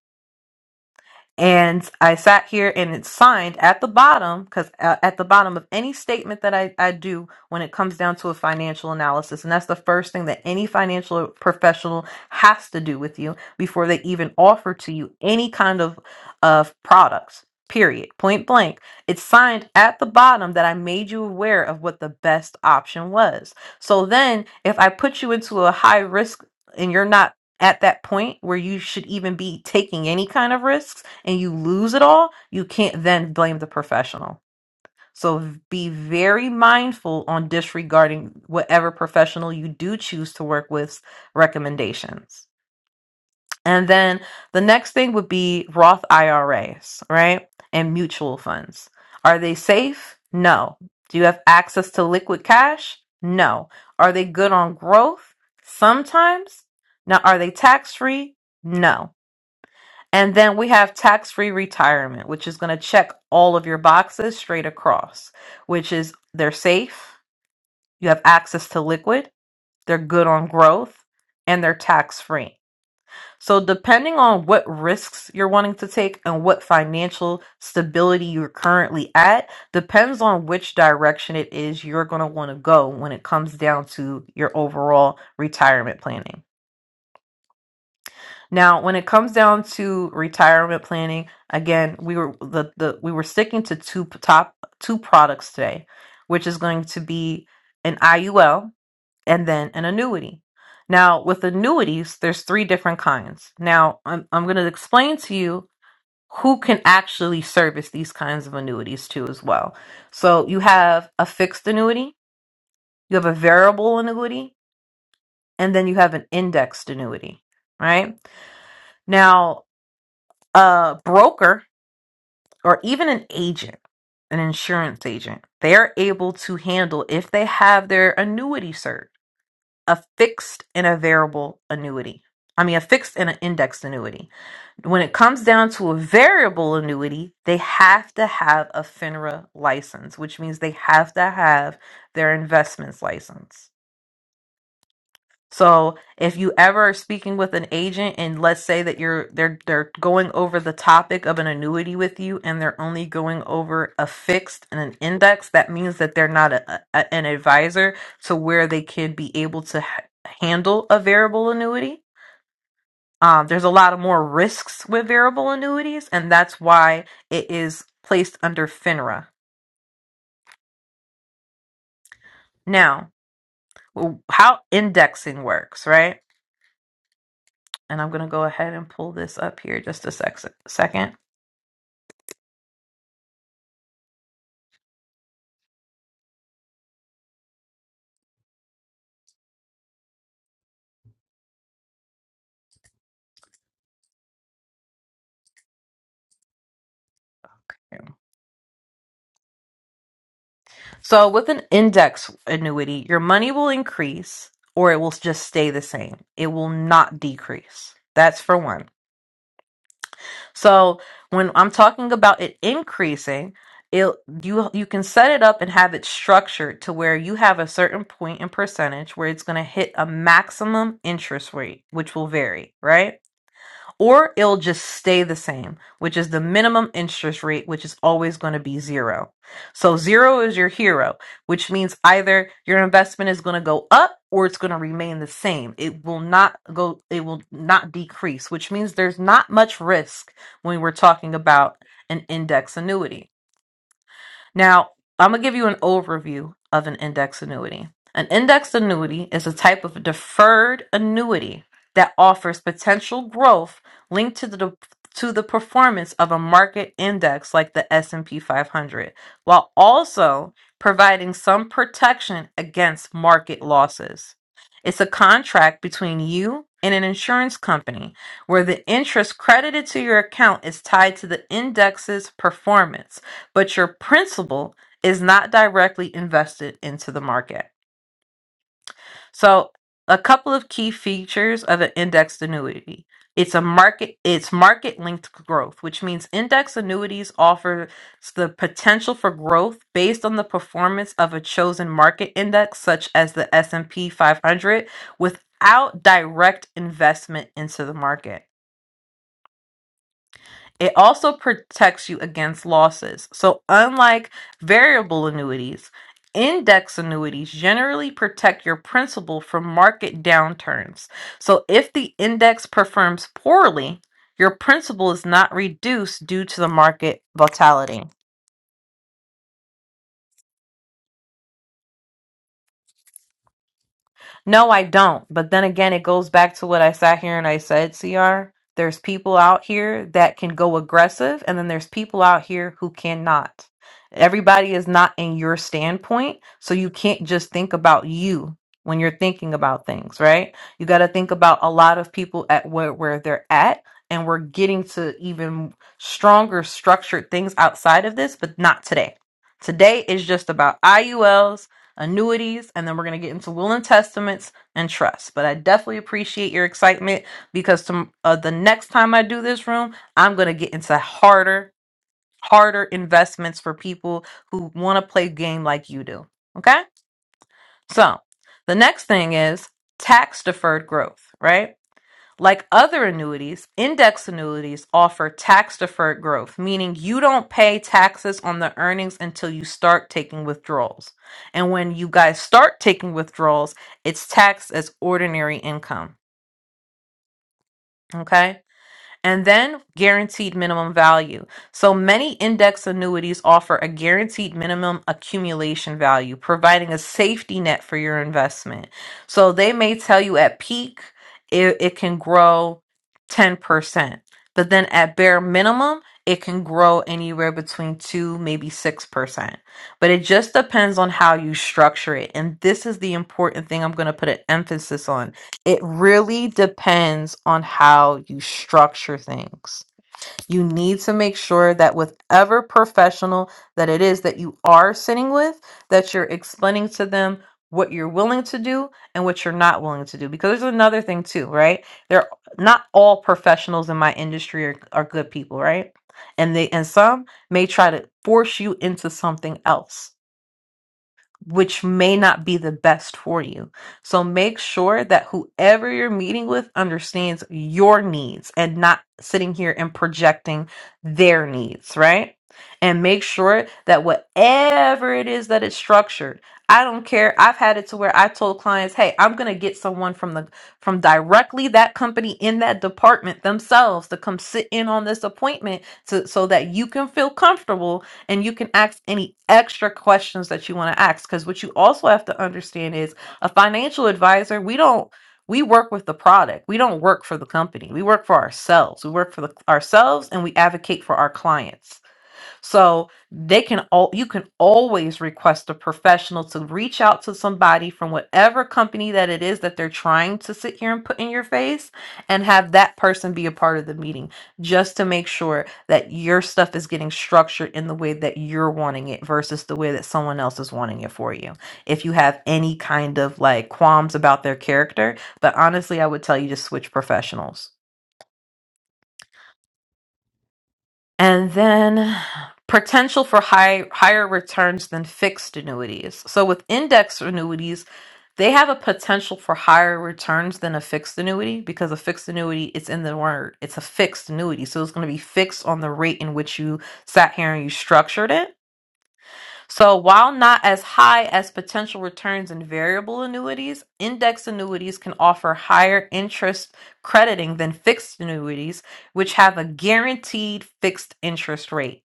And I sat here and it's signed at the bottom because uh, at the bottom of any statement that I, I do when it comes down to a financial analysis, and that's the first thing that any financial professional has to do with you before they even offer to you any kind of, of products, period, point blank. It's signed at the bottom that I made you aware of what the best option was. So then if I put you into a high risk and you're not at that point where you should even be taking any kind of risks, and you lose it all, you can't then blame the professional. So be very mindful on disregarding whatever professional you do choose to work with's recommendations. And then the next thing would be Roth IRAs, right? And mutual funds. Are they safe? No. Do you have access to liquid cash? No. Are they good on growth? Sometimes. Now, are they tax free? No. And then we have tax free retirement, which is going to check all of your boxes straight across, which is they're safe, you have access to liquid, they're good on growth, and they're tax free. So, depending on what risks you're wanting to take and what financial stability you're currently at, depends on which direction it is you're going to want to go when it comes down to your overall retirement planning. Now, when it comes down to retirement planning, again, we were the, the we were sticking to two p- top two products today, which is going to be an IUL and then an annuity. Now, with annuities, there's three different kinds. Now, I'm I'm going to explain to you who can actually service these kinds of annuities too as well. So, you have a fixed annuity, you have a variable annuity, and then you have an indexed annuity, right? Now, a broker or even an agent, an insurance agent, they're able to handle if they have their annuity cert, a fixed and a variable annuity. I mean, a fixed and an indexed annuity. When it comes down to a variable annuity, they have to have a FINRA license, which means they have to have their investments license. So if you ever are speaking with an agent and let's say that you're they're they're going over the topic of an annuity with you and they're only going over a fixed and an index, that means that they're not a, a, an advisor to where they could be able to h- handle a variable annuity. Um, there's a lot of more risks with variable annuities, and that's why it is placed under FINRA. Now, w- how indexing works, right? And I'm going to go ahead and pull this up here just a sec- second So, with an index annuity, your money will increase or it will just stay the same. It will not decrease. That's for one. So, when I'm talking about it increasing, it you you can set it up and have it structured to where you have a certain point in percentage where it's going to hit a maximum interest rate, which will vary, right? or it'll just stay the same, which is the minimum interest rate, which is always going to be zero. So zero is your hero, which means either your investment is going to go up or it's going to remain the same. It will not go, it will not decrease, which means there's not much risk when we're talking about an index annuity. Now, I'm going to give you an overview of an index annuity. An index annuity is a type of deferred annuity that offers potential growth linked to the to the performance of a market index like the S&P 500 while also providing some protection against market losses. It's a contract between you and an insurance company where the interest credited to your account is tied to the index's performance but your principal is not directly invested into the market. So, a couple of key features of an indexed annuity. It's a market it's market linked growth, which means index annuities offer the potential for growth based on the performance of a chosen market index such as the S&P 500 without direct investment into the market. It also protects you against losses. So, unlike variable annuities, index annuities generally protect your principal from market downturns. So, if the index performs poorly, your principal is not reduced due to the market volatility. No, I don't. But then again, it goes back to what I sat here and I said, CR. There's people out here that can go aggressive, and then there's people out here who cannot. Everybody is not in your standpoint, so you can't just think about you when you're thinking about things, right? You got to think about a lot of people at where, where they're at, and we're getting to even stronger structured things outside of this, but not today. Today is just about IULs annuities, and then we're going to get into will and testaments and trusts. But I definitely appreciate your excitement because to, uh, the next time I do this room, I'm going to get into harder, harder investments for people who want to play game like you do. Okay? So the next thing is tax deferred growth, right? Like other annuities, index annuities offer tax deferred growth, meaning you don't pay taxes on the earnings until you start taking withdrawals. And when you guys start taking withdrawals, it's taxed as ordinary income. Okay and then guaranteed minimum value. So many index annuities offer a guaranteed minimum accumulation value, providing a safety net for your investment. So they may tell you at peak it, it can grow 10%, but then at bare minimum, it can grow anywhere between 2 maybe 6%. But it just depends on how you structure it. And this is the important thing I'm going to put an emphasis on it really depends on how you structure things. You need to make sure that with ever professional that it is that you are sitting with, that you're explaining to them what you're willing to do and what you're not willing to do. Because there's another thing too, right? There not all professionals in my industry are, are good people, right? And they and some may try to force you into something else which may not be the best for you. So make sure that whoever you're meeting with understands your needs and not sitting here and projecting their needs, right? And make sure that whatever it is that it's structured, I don't care. I've had it to where I told clients, "Hey, I'm going to get someone from the from directly that company in that department themselves to come sit in on this appointment to, so that you can feel comfortable and you can ask any extra questions that you want to ask because what you also have to understand is a financial advisor we don't we work with the product we don't work for the company we work for ourselves we work for the, ourselves and we advocate for our clients so they can all you can always request a professional to reach out to somebody from whatever company that it is that they're trying to sit here and put in your face and have that person be a part of the meeting just to make sure that your stuff is getting structured in the way that you're wanting it versus the way that someone else is wanting it for you. If you have any kind of like qualms about their character, but honestly, I would tell you to switch professionals And then potential for high, higher returns than fixed annuities. So with index annuities, they have a potential for higher returns than a fixed annuity because a fixed annuity, it's in the word, it's a fixed annuity. So it's going to be fixed on the rate in which you sat here and you structured it so, while not as high as potential returns in variable annuities, index annuities can offer higher interest crediting than fixed annuities, which have a guaranteed fixed interest rate.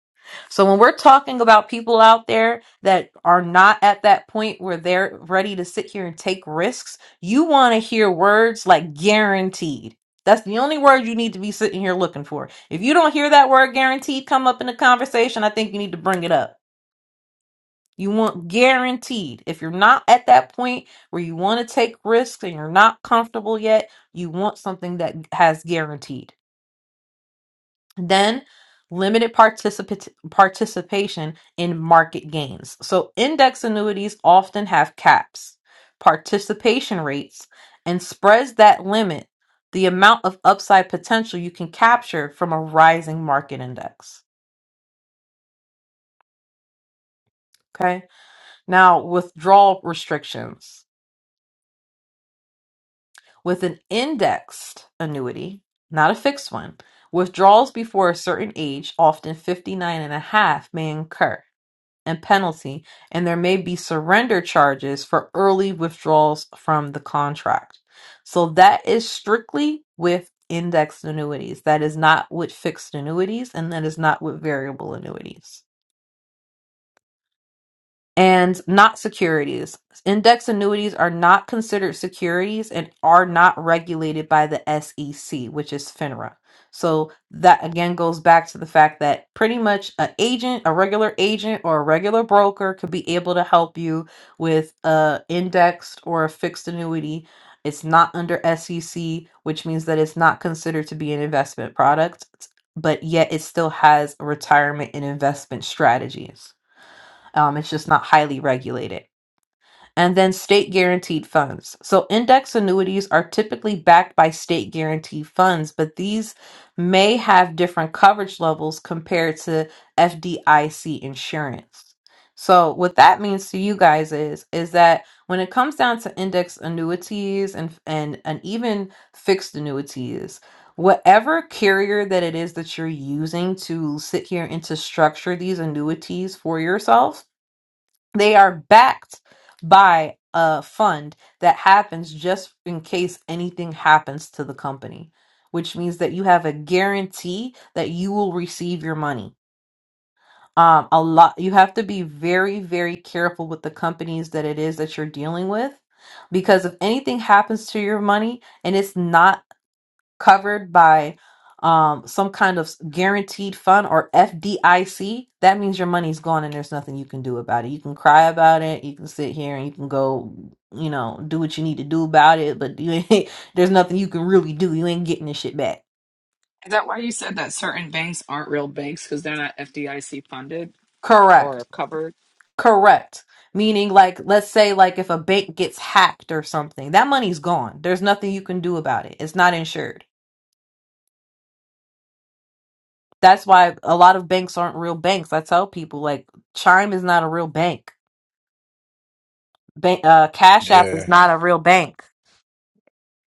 So, when we're talking about people out there that are not at that point where they're ready to sit here and take risks, you want to hear words like guaranteed. That's the only word you need to be sitting here looking for. If you don't hear that word guaranteed come up in the conversation, I think you need to bring it up you want guaranteed. If you're not at that point where you want to take risks and you're not comfortable yet, you want something that has guaranteed. Then limited participat- participation in market gains. So index annuities often have caps, participation rates, and spreads that limit the amount of upside potential you can capture from a rising market index. Okay. Now, withdrawal restrictions. With an indexed annuity, not a fixed one, withdrawals before a certain age, often 59 and a half, may incur a penalty, and there may be surrender charges for early withdrawals from the contract. So that is strictly with indexed annuities. That is not with fixed annuities, and that is not with variable annuities and not securities. Index annuities are not considered securities and are not regulated by the SEC, which is FINRA. So that again goes back to the fact that pretty much a agent, a regular agent or a regular broker could be able to help you with a indexed or a fixed annuity. It's not under SEC, which means that it's not considered to be an investment product, but yet it still has a retirement and investment strategies. Um, it's just not highly regulated. And then state guaranteed funds. So index annuities are typically backed by state guaranteed funds, but these may have different coverage levels compared to FDIC insurance. So what that means to you guys is is that when it comes down to index annuities and and and even fixed annuities, whatever carrier that it is that you're using to sit here and to structure these annuities for yourself, they are backed by a fund that happens just in case anything happens to the company, which means that you have a guarantee that you will receive your money. Um, a lot you have to be very, very careful with the companies that it is that you're dealing with because if anything happens to your money and it's not covered by um, some kind of guaranteed fund or FDIC, that means your money's gone and there's nothing you can do about it. You can cry about it. You can sit here and you can go, you know, do what you need to do about it, but you ain't, [laughs] there's nothing you can really do. You ain't getting this shit back.
Is that why you said that certain banks aren't real banks because they're not FDIC funded or
Correct.
covered?
Correct. Meaning, like, let's say, like, if a bank gets hacked or something, that money's gone. There's nothing you can do about it. It's not insured. That's why a lot of banks aren't real banks. I tell people, like, Chime is not a real bank Ba- uh, Cash App is
Yeah,
not a real bank.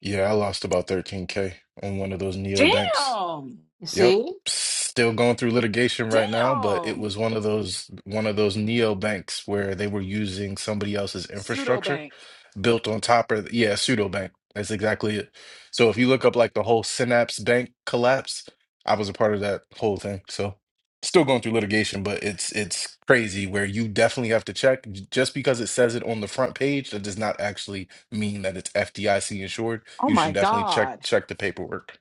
yeah, I lost about 13k on one of those neo banks.
Damn!
You
Yep.
see?
Still going through litigation right now, but it
Damn!
was one of those one of those neo banks where they were using somebody else's
Pseudo
infrastructure
bank.
built on top of yeah, pseudo bank. That's exactly it. So if you look up like the whole Synapse Bank collapse, I was a part of that whole thing. So still going through litigation, but it's it's crazy where you definitely have to check. Just because it says it on the front page, that does not actually mean that it's FDIC insured.
Oh
You
my
should definitely check
God.
check the paperwork.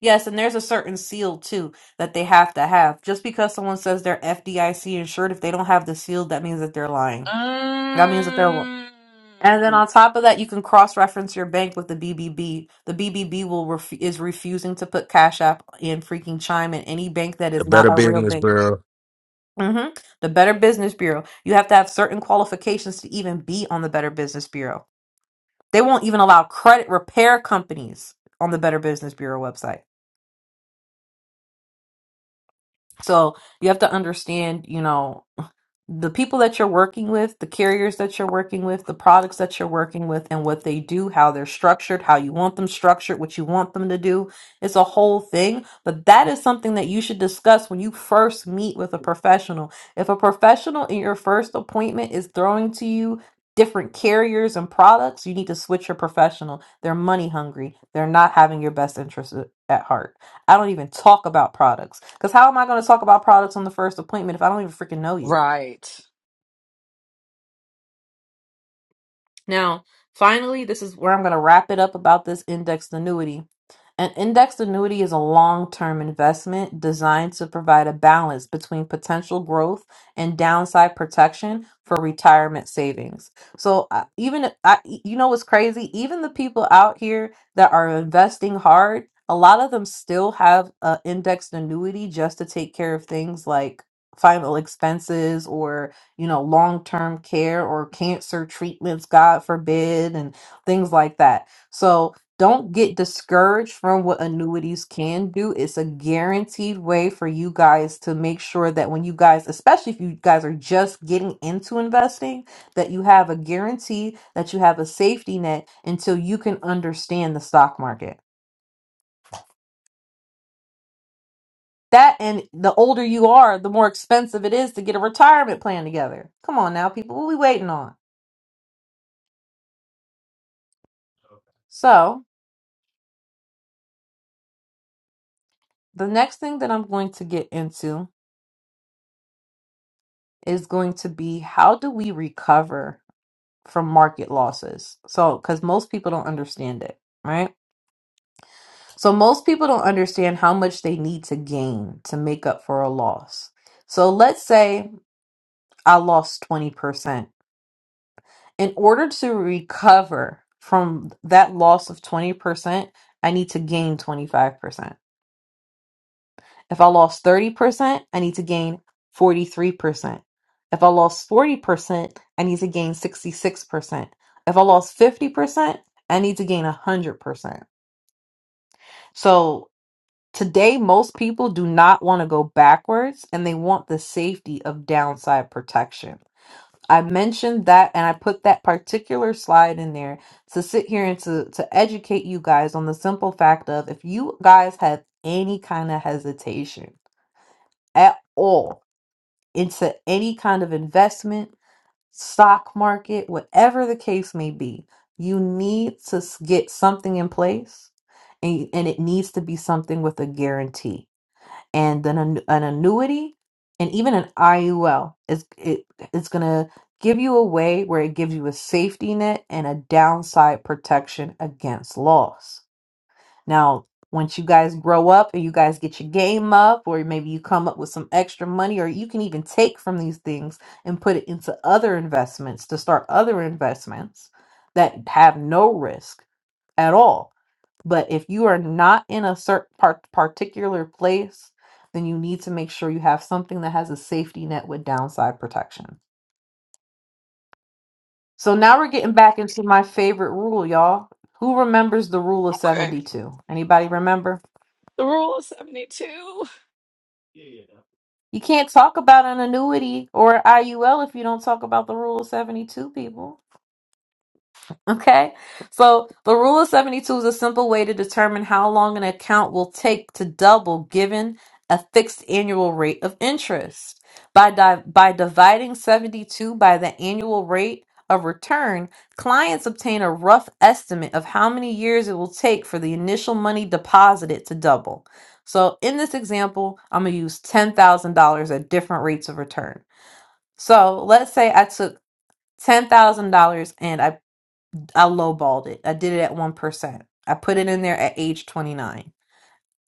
Yes, and there's a certain seal too that they have to have. Just because someone says they're FDIC insured, if they don't have the seal, that means that they're lying. That means that they're.
Mm.
And then on top of that, you can cross-reference your bank with the BBB. The BBB will ref- is refusing to put Cash App in freaking Chime in any bank that
The
is not
Better
a real
Business
bank.
Bureau.
hmm The Better Business Bureau. You have to have certain qualifications to even be on the Better Business Bureau. They won't even allow credit repair companies on the Better Business Bureau website. So you have to understand, you know, the people that you're working with, the carriers that you're working with, the products that you're working with, and what they do, how they're structured, how you want them structured, what you want them to do. It's a whole thing. But that is something that you should discuss when you first meet with a professional. If a professional in your first appointment is throwing to you, Different carriers and products, you need to switch your professional. They're money hungry. They're not having your best interest at at heart. I don't even talk about products because how am I going to talk about products on the first appointment if I don't even freaking know you?
Right.
Now, finally, this is where I'm going to wrap it up about this indexed annuity. An indexed annuity is a long-term investment designed to provide a balance between potential growth and downside protection for retirement savings. So uh, even if- I, you know what's crazy? Even the people out here that are investing hard, a lot of them still have an indexed annuity just to take care of things like final expenses or you know long-term care or cancer treatments god forbid and things like that. So don't get discouraged from what annuities can do. It's a guaranteed way for you guys to make sure that when you guys, especially if you guys are just getting into investing, that you have a guarantee, that you have a safety net until you can understand the stock market. That and the older you are, the more expensive it is to get a retirement plan together. Come on now, people, what we waiting on? So, the next thing that I'm going to get into is going to be how do we recover from market losses. So, because most people don't understand it, right? So, most people don't understand how much they need to gain to make up for a loss. So, let's say I lost 20%. In order to recover from that loss of 20%, I need to gain 25%. If I lost 30%, I need to gain 43%. If I lost 40%, I need to gain 66%. If I lost 50%, I need to gain 100%. So today, most people do not want to go backwards and they want the safety of downside protection. I mentioned that and I put that particular slide in there to sit here and to, to educate you guys on the simple fact of if you guys have any kind of hesitation at all into any kind of investment, stock market, whatever the case may be, you need to s- get something in place and, and it needs to be something with a guarantee and then an, an annuity and even an IUL is it, it's gonna give you a way where it gives you a safety net and a downside protection against loss. Now, once you guys grow up or you guys get your game up, or maybe you come up with some extra money, or you can even take from these things and put it into other investments to start other investments that have no risk at all. But if you are not in a certain particular place, then you need to make sure you have something that has a safety net with downside protection. So now we're getting back into my favorite rule, y'all. Who remembers the rule of
Okay.
72? Anybody remember?
The rule of 72.
You can't talk about an annuity or IUL if you don't talk about the rule of 72 people. Okay, so the rule of 72 is a simple way to determine how long an account will take to double given a fixed annual rate of interest. By, di- by dividing 72 by the annual rate of return, clients obtain a rough estimate of how many years it will take for the initial money deposited to double. So in this example, I'm going to use $10,000 at different rates of return. So let's say I took $10,000 and I I lowballed it. I did it at one percent. I put it in there at age twenty nine.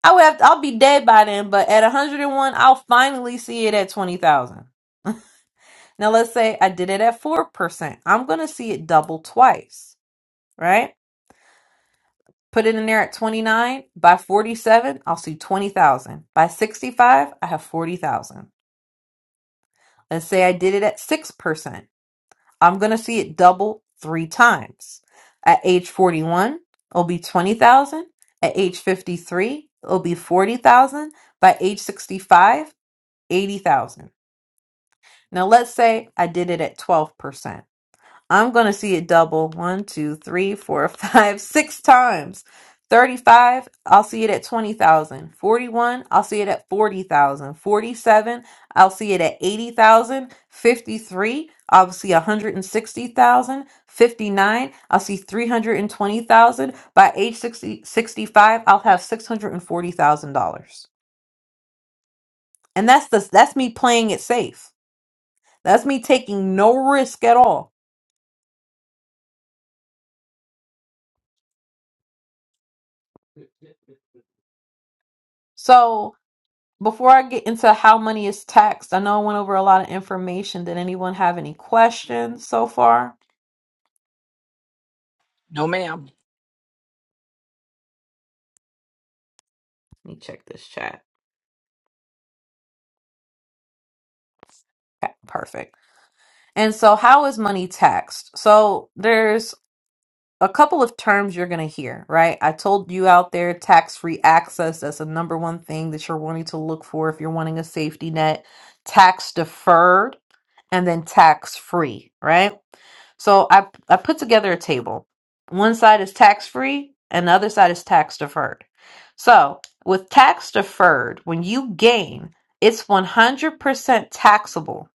I would have I'll be dead by then, but at one hundred and one, I'll finally see it at twenty thousand. Now let's say I did it at four percent. I'm gonna see it double twice, right? Put it in there at twenty nine. By forty seven, I'll see twenty thousand. By sixty five, I have forty thousand. Let's say I did it at six percent. I'm going to see it double three times. At age 41, it'll be 20,000. At age 53, it'll be 40,000. By age 65, 80,000. Now let's say I did it at 12%. I'm going to see it double one, two, three, four, [laughs] five, six times. 35, I'll see it at 20,000. 41, I'll see it at 40,000. 47, I'll see it at 80,000. 53, I'll see 160,000. 59, I'll see 320,000. By age 6065 I'll have $640,000. And that's the that's me playing it safe. That's me taking no risk at all. So Before I get into how money is taxed, I know I went over a lot of information. Did anyone have any questions so far?
No, ma'am.
Let me check this chat. Okay, perfect. And so, how is money taxed? So, there's a couple of terms you're going to hear, right? I told you out there tax free access. That's the number one thing that you're wanting to look for if you're wanting a safety net. Tax deferred and then tax free, right? So I I put together a table. One side is tax free and the other side is tax deferred. So with tax deferred, when you gain, it's 100% taxable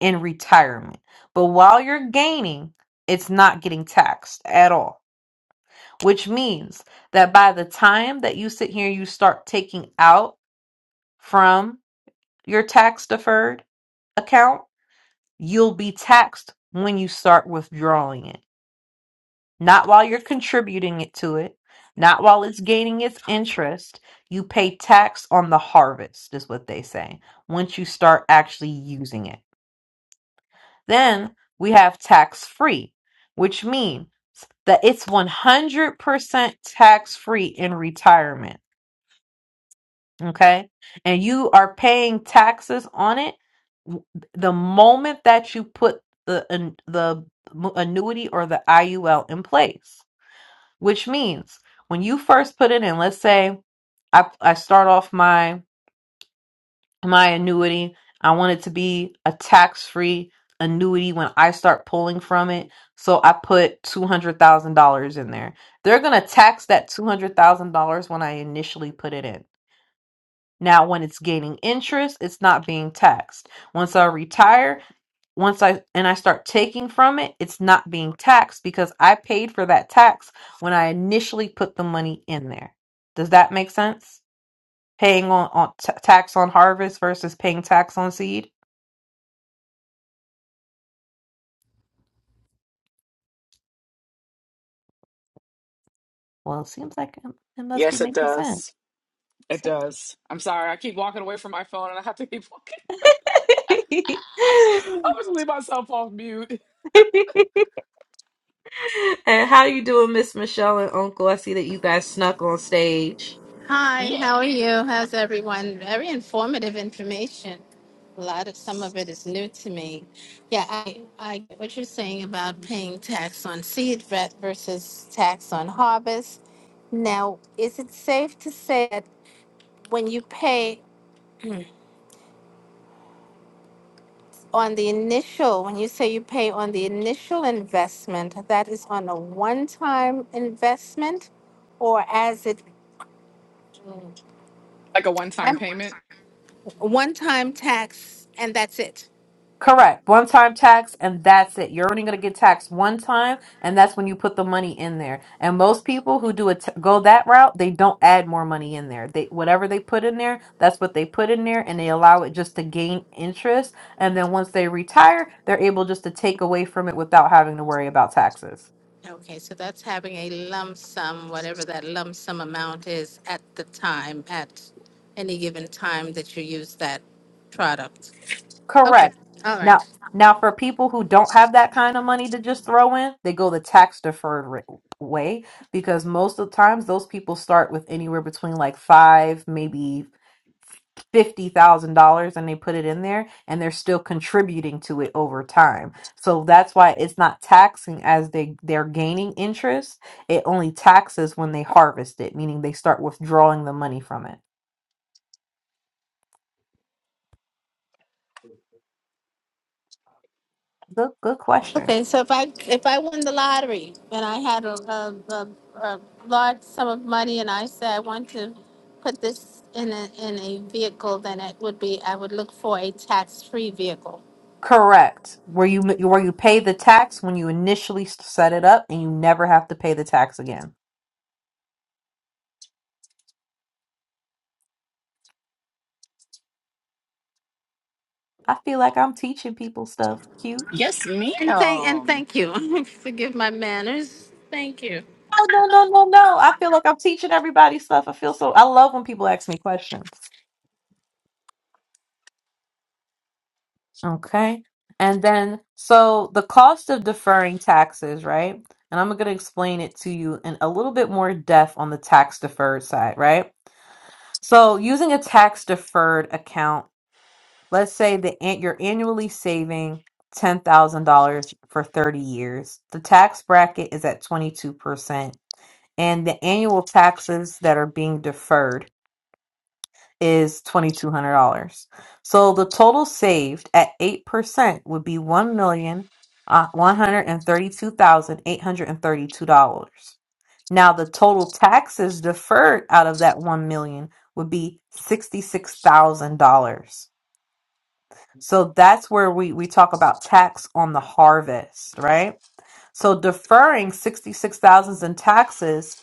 in retirement. But while you're gaining, it's not getting taxed at all, which means that by the time that you sit here, you start taking out from your tax deferred account, you'll be taxed when you start withdrawing it. not while you're contributing it to it, not while it's gaining its interest. You pay tax on the harvest, is what they say, once you start actually using it. Then we have tax free, which means that it's 100% tax free in retirement. Okay. And you are paying taxes on it w- the moment that you put the, an- the annuity or the IUL in place. which means when you first put it in let's say i, I start off my my annuity i want it to be a tax-free annuity when i start pulling from it so i put $200000 in there they're going to tax that $200000 when i initially put it in now when it's gaining interest it's not being taxed once i retire once I and I start taking from it, it's not being taxed because I paid for that tax when I initially put the money in there. Does that make sense? Paying on, on t- tax on harvest versus paying tax on seed? Well, it seems like it it must be
Yes, it
making sense.
does. It does. I'm sorry. I keep walking away from my phone and I have to keep walking.
[laughs]
[laughs] I'm just leave myself off mute.
and how you doing, Miss Michelle and Uncle? I see that you guys snuck on stage.
Hi,
Yes.
how are you? How's everyone? Very informative information. A lot of some of it is new to me. Yeah, I, I get what you're saying about paying tax on seed ve- versus tax on harvest. Now, is it safe to say that when you pay on the initial, when you say you pay on the initial investment, that is on a one-time investment, or as it,
Like a one time payment.
one-time tax, and that's it?
Correct. One time tax, and that's it. You're only going to get taxed one time, and that's when you put the money in there. And most people who do it go that route, they don't add more money in there. They whatever they put in there, that's what they put in there, and they allow it just to gain interest. And then once they retire, they're able just to take away from it without having to worry about taxes.
Okay, so that's having a lump sum, whatever that lump sum amount is at the time, at any given time that you use that product. Okay,
Correct.
all right.
Now, now for people who don't have that kind of money to just throw in, they go the tax deferred ra- way because most of the times those people start with anywhere between like five, maybe fifty thousand dollars, and they put it in there, and they're still contributing to it over time. So that's why it's not taxing as they they're gaining interest. It only taxes when they harvest it, meaning they start withdrawing the money from it. Good, good question.
Okay, so if I, if I won the lottery and I had a, a, a, a large sum of money and I said I want to put this in a, in a vehicle, then it would be, I would look for a tax-free vehicle.
Correct. Where you where you pay the tax when you initially set it up, and you never have to pay the tax again. I feel like I'm teaching people stuff. Cute.
Yes,
And thank, and
ma'am.
thank you. [laughs] Forgive my manners. Thank you.
Oh no no no no! I feel like I'm teaching everybody stuff. I feel so. I love when people ask me questions. Okay. And then so the cost of deferring taxes, right? And I'm going to explain it to you in a little bit more depth on the tax deferred side, right? So using a tax deferred account let's say that an- you're annually saving $10,000 for 30 years. The tax bracket is at 22%, and the annual taxes that are being deferred is $2,200. So the total saved at 8% would be one million uh, one hundred and thirty-two thousand eight hundred and thirty-two dollars Now, the total taxes deferred out of that 1 million would be $66,000. So that's where we, we talk about tax on the harvest, right? So deferring 66,000 in taxes,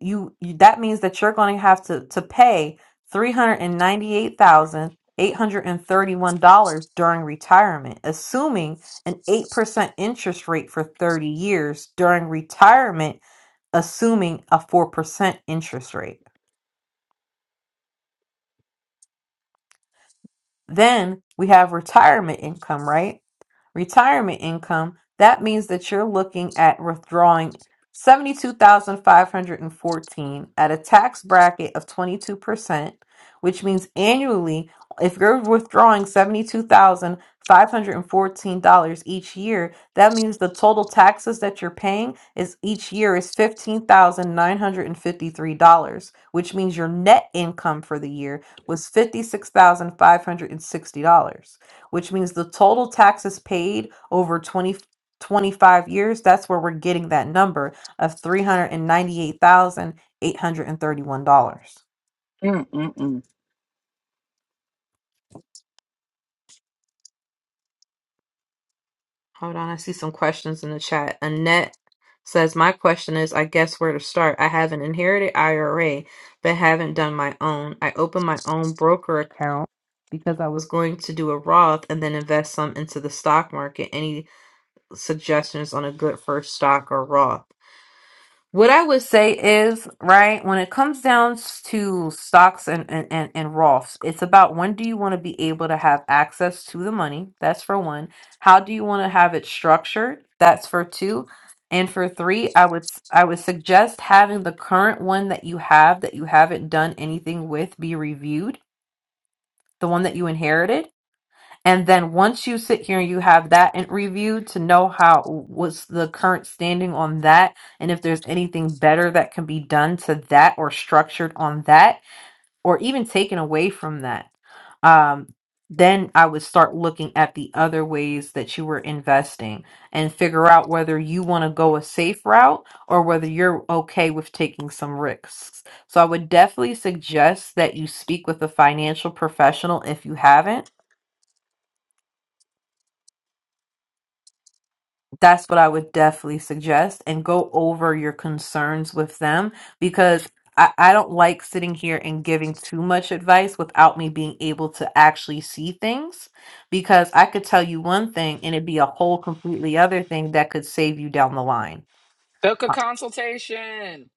you, you that means that you're going to have to to pay $398,831 during retirement, assuming an 8% interest rate for 30 years during retirement, assuming a 4% interest rate. Then we have retirement income, right? retirement income, that means that you're looking at withdrawing 72,514 at a tax bracket of 22%, which means annually if you're withdrawing $72,514 each year, that means the total taxes that you're paying is each year is $15,953, which means your net income for the year was $56,560 which means the total taxes paid over 20 25 years, that's where we're getting that number of $398,831.
Mm-mm-mm.
Hold on, I see some questions in the chat. Annette says, My question is I guess where to start. I have an inherited IRA, but haven't done my own. I opened my own broker account because I was going to do a Roth and then invest some into the stock market. Any suggestions on a good first stock or Roth? What I would say is, right, when it comes down to stocks and, and, and, and Roths, it's about when do you want to be able to have access to the money? That's for one. How do you want to have it structured? That's for two. And for three, I would s- I would suggest having the current one that you have that you haven't done anything with be reviewed, the one that you inherited and then once you sit here and you have that in review to know how what's the current standing on that and if there's anything better that can be done to that or structured on that or even taken away from that. Um then I would start looking at the other ways that you were investing and figure out whether you want to go a safe route or whether you're okay with taking some risks. So I would definitely suggest that you speak with a financial professional if you haven't that's what I would definitely suggest and go over your concerns with them because I, I don't like sitting here and giving too much advice without me being able to actually see things because I could tell you one thing and it'd be a whole completely other thing that could save you down the line.
Book a
Uh,
consultation.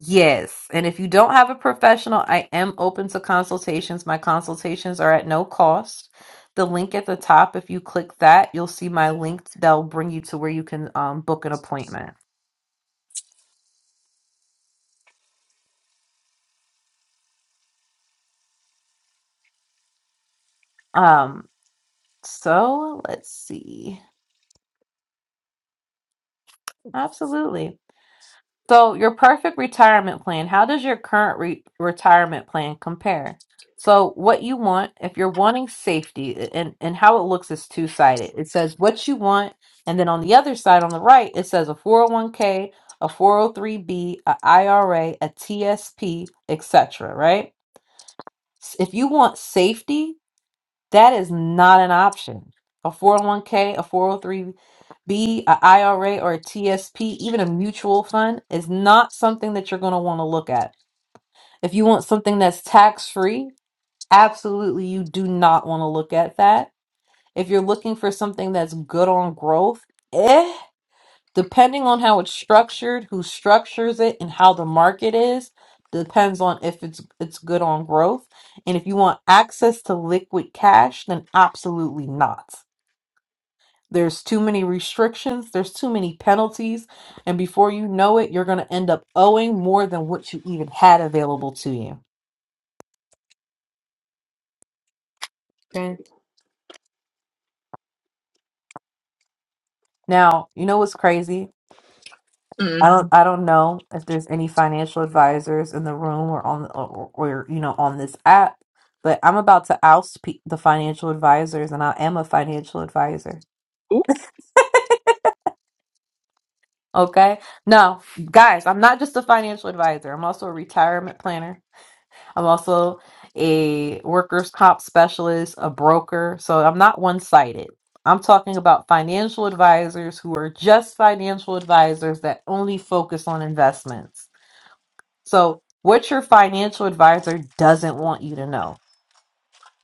Yes. And if you don't have a professional, I am open to consultations. My consultations are at no cost. The link at the top, if you click that, you'll see my link that'll bring you to where you can um, book an appointment. Um, so let's see. Absolutely. So your perfect retirement plan, how does your current re retirement plan compare? So what you want, if you're wanting safety, and and how it looks is two-sided. It says what you want, and then on the other side on the right, it says a 401k, a 403b, a IRA, a TSP, etc., right? S- If you want safety, That is not an option. A 401k, a 403b, a IRA, or a TSP, even a mutual fund is not something that you're going to want to look at. If you want something that's tax free, absolutely you do not want to look at that. If you're looking for something that's good on growth, eh, depending on how it's structured, who structures it, and how the market is, depends on if it's it's good on growth. And if you want access to liquid cash, then absolutely not. There's too many restrictions, there's too many penalties, and before you know it, you're going to end up owing more than what you even had available to you. Right. Now, you know what's crazy? I
Mm.
don't I don't know if there's any financial advisors in the room or on or, or you know on this app, but I'm about to oust pe- the financial advisors and I am a financial advisor.
Oop.
Okay? Now, guys, I'm not just a financial advisor. I'm also a retirement planner. I'm also a workers' comp specialist, a broker. So I'm not one sided. I'm talking about financial advisors who are just financial advisors that only focus on investments. So, what your financial advisor doesn't want you to know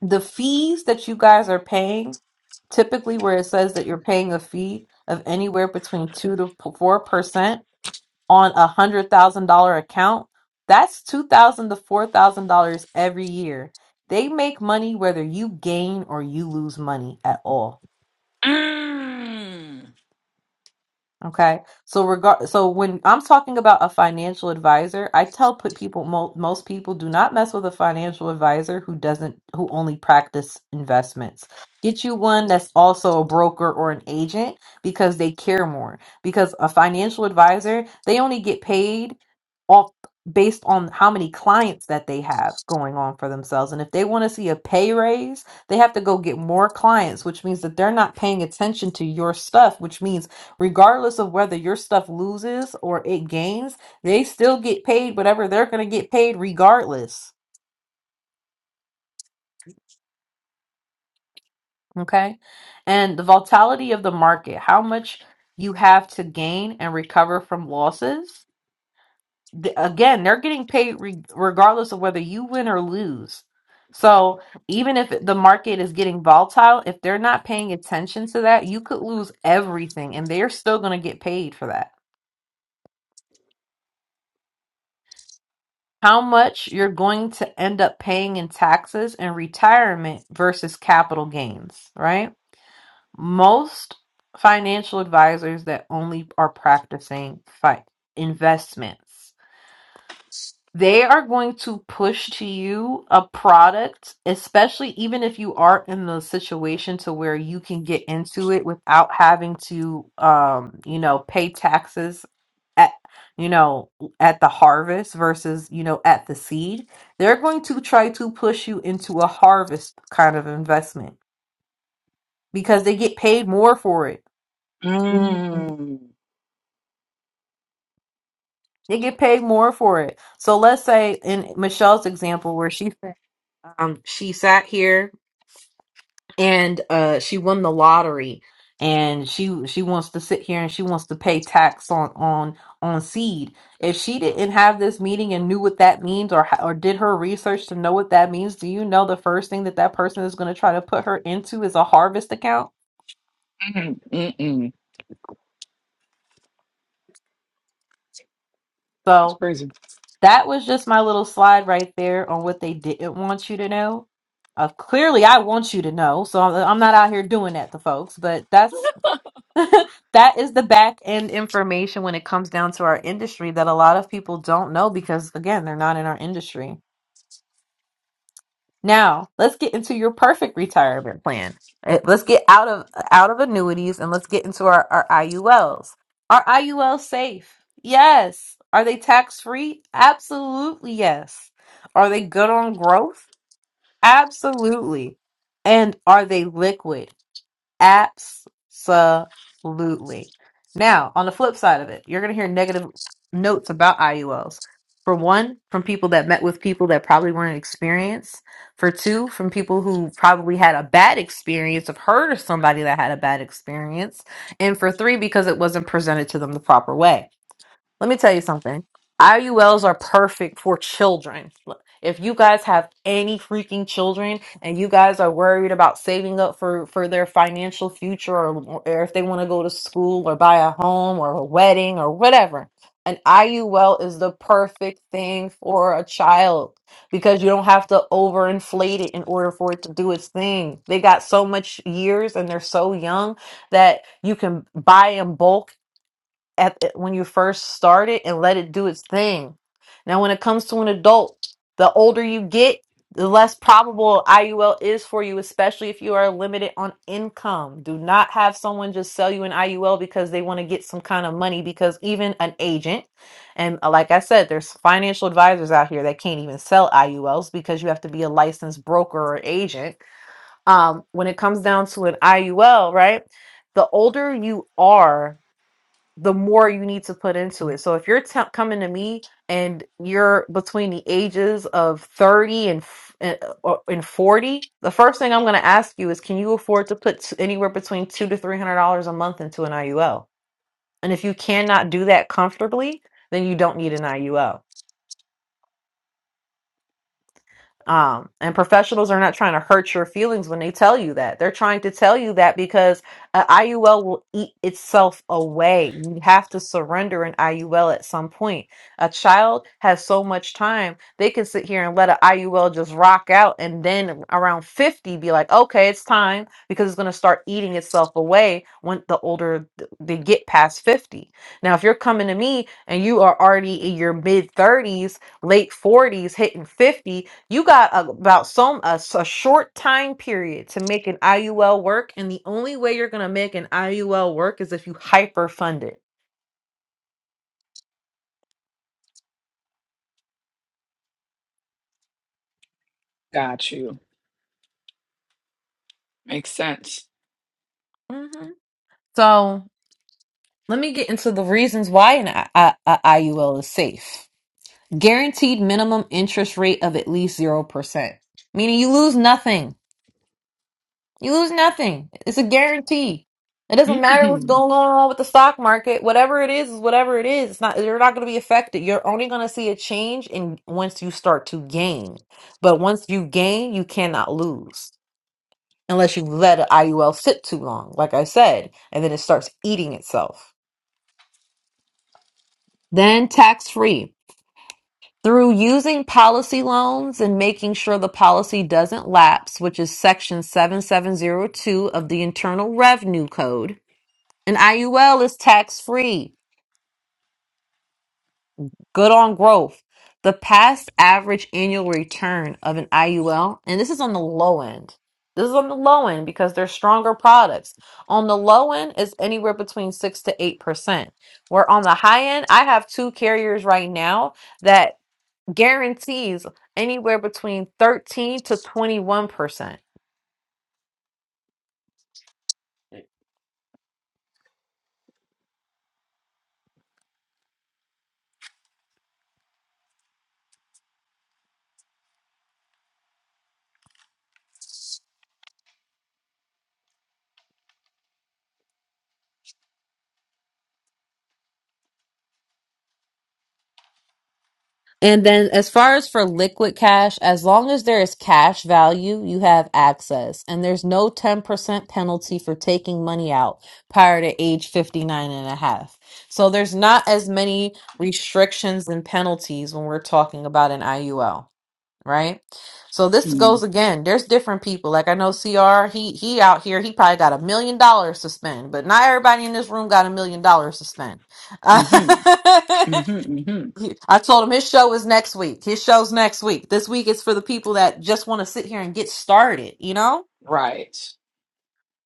the fees that you guys are paying, typically where it says that you're paying a fee of anywhere between 2 to 4% on a hundred thousand dollar account, that's two thousand to four thousand dollars every year. They make money whether you gain or you lose money at all.
Mm.
Okay. So regard so when I'm talking about a financial advisor, I tell put people mo most people do not mess with a financial advisor who doesn't who only practice investments. Get you one that's also a broker or an agent because they care more. Because a financial advisor, they only get paid off based on how many clients that they have going on for themselves. And if they want to see a pay raise, they have to go get more clients, which means that they're not paying attention to your stuff, which means regardless of whether your stuff loses or it gains, they still get paid whatever they're going to get paid regardless. Okay. And the volatility of the market, how much you have to gain and recover from losses. Th- Again, they're getting paid re- regardless of whether you win or lose. So even if the market is getting volatile, if they're not paying attention to that, you could lose everything and they're still going to get paid for that. how much you're going to end up paying in taxes and retirement versus capital gains, right? Most financial advisors that only are practicing fi- investments, they are going to push to you a product, especially even if you are in the situation to where you can get into it without having to, um, you know, pay taxes at you know at the harvest versus you know at the seed they're going to try to push you into a harvest kind of investment because they get paid more for it Mhm.
Mm.
they get paid more for it so let's say in michelle's example where she um she sat here and uh she won the lottery and she she wants to sit here and she wants to pay tax on on on seed if she didn't have this meeting and knew what that means or ho- or did her research to know what that means do you know the first thing that that person is going to try to put her into is a harvest account
Mm. Mm-mm. That's
so
crazy.
that was just my little slide right there on what they didn't want you to know uh, clearly i want you to know so I'm, I'm not out here doing that to folks but that's. [laughs] that is the back end information when it comes down to our industry that a lot of people don't know because again they're not in our industry now let's get into your perfect retirement plan Eh, let's get out of out of annuities and let's get into our, our iul's are iul's safe yes are they tax free absolutely yes are they good on growth absolutely and are they liquid Absolutely. Now, on the flip side of it, you're going to hear negative notes about IULs. For one, from people that met with people that probably weren't experienced. For two, from people who probably had a bad experience, have heard of somebody that had a bad experience. And for three, because it wasn't presented to them the proper way. Let me tell you something. IULs are perfect for children. Look, If you guys have any freaking children and you guys are worried about saving up for, for their financial future or, or if they want to go to school or buy a home or a wedding or whatever, an IUL is the perfect thing for a child because you don't have to overinflate it in order for it to do its thing. They got so much years and they're so young that you can buy in bulk at when you first start it and let it do its thing. Now, when it comes to an adult, the older you get, the less probable IUL is for you, especially if you are limited on income. Do not have someone just sell you an IUL because they want to get some kind of money. Because even an agent, and uh, like I said, there's financial advisors out here that can't even sell IULs because you have to be a licensed broker or agent. Um, when it comes down to an IUL, right? The older you are, the more you need to put into it. So if you're te- coming to me and you're between the ages of 30 and f- and uh, and 40, the first thing I'm going to ask you is can you afford to put t- anywhere between 2 to 300 dollars a month into an IUL? And if you cannot do that comfortably, then you don't need an IUL. Um, and professionals are not trying to hurt your feelings when they tell you that. They're trying to tell you that because an IUL will eat itself away. You have to surrender an IUL at some point. A child has so much time, they can sit here and let an IUL just rock out and then around 50 be like, okay, it's time because it's going to start eating itself away when the older th- they get past 50. Now, if you're coming to me and you are already in your mid 30s, late 40s, hitting 50, you got a- about some a, s- a short time period to make an IUL work, and the only way you're gonna make an IUL work is if you hyperfund it.
Got you. Makes sense.
hmm So let me get into the reasons why an I- I- I- IUL is safe. Guaranteed minimum interest rate of at least zero percent, meaning you lose nothing. You lose nothing. It's a guarantee. It doesn't matter what's
Mm-hmm.
going on with the stock market. Whatever it is, is whatever it is. It's not you're not going to be affected. You're only going to see a change in once you start to gain. But once you gain, you cannot lose unless you let an IUL sit too long, like I said, and then it starts eating itself. Then tax free. Through using policy loans and making sure the policy doesn't lapse, which is section 7702 of the Internal Revenue Code, An IUL is tax free. Good on growth. The past average annual return of an IUL, and this is on the low end. This is on the low end because they're stronger products. On the low end is anywhere between six to eight percent. Where on the high end, I have two carriers right now that guarantees anywhere between thirteen to twenty-one percent. And then, as far as for liquid cash, as long as there is cash value, you have access. And there's no 10% penalty for taking money out prior to age 59 and a half. So there's not as many restrictions and penalties when we're talking about an IUL, right? So this
Mm-hmm.
goes again. There's different people. Like I know CR, he he out here, he probably got a million dollars to spend, but not everybody in this room got a million dollars to spend.
Mm-hmm.
[laughs]
Mm hmm
He- I told him his show is next week. His show's next week. This week is for the people that just want to sit here and get started, you know?
Right.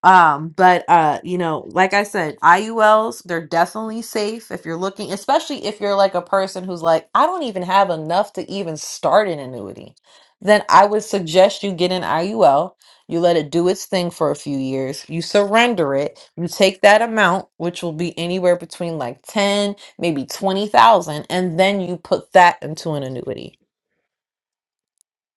Um, but uh, you know, like I said, IULs, they're definitely safe if you're looking, especially if you're like a person who's like, I don't even have enough to even start an annuity. Then I would suggest you get an IUL. You let it do its thing for a few years. You surrender it. You take that amount, which will be anywhere between like 10, maybe 20,000, and then you put that into an annuity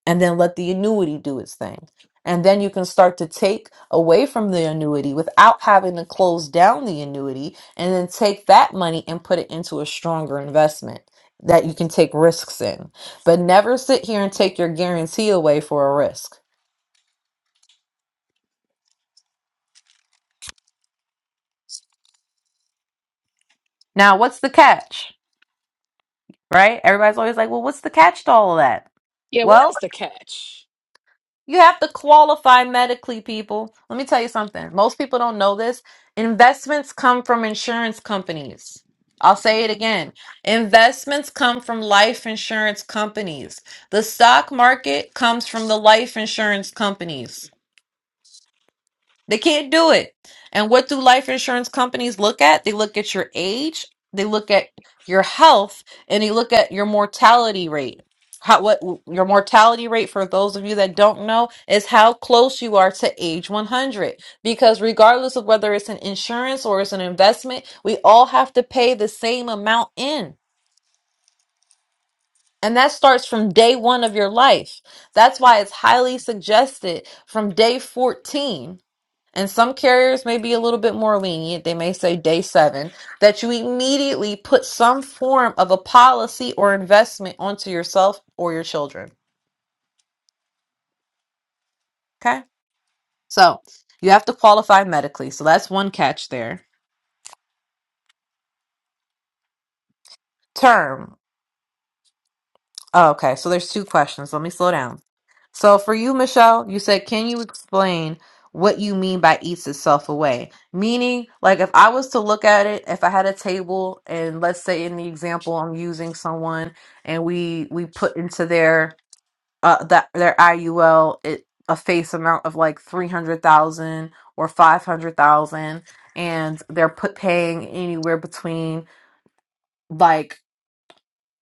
and then let the annuity do its thing. And then you can start to take away from the annuity without having to close down the annuity and then take that money and put it into a stronger investment that you can take risks in. But never sit here and take your guarantee away for a risk. Now, what's the catch, right? Everybody's always like, well, what's the catch to all of that?
Yeah, what
Well,
is the catch?
You have to qualify medically, people. Let me tell you something. Most people don't know this. Investments come from insurance companies. I'll say it again. Investments come from life insurance companies. The stock market comes from the life insurance companies. They can't do it. And what do life insurance companies look at? They look at your age, they look at your health, and they look at your mortality rate. How, what your mortality rate for those of you that don't know is how close you are to age 100 because regardless of whether it's an insurance or it's an investment we all have to pay the same amount in and that starts from day 1 of your life that's why it's highly suggested from day 14 and some carriers may be a little bit more lenient. They may say day seven, that you immediately put some form of a policy or investment onto yourself or your children. Okay. So you have to qualify medically. So that's one catch there. Term. Oh, okay, so there's two questions. Let me slow down. So for you, Michelle, you said, can you explain what you mean by eats itself away? Meaning, like if I was to look at it, if I had a table and let's say in the example I'm using someone and we we put into their uh that their IUL it a face amount of like 300,000 or 500,000 and they're put paying anywhere between like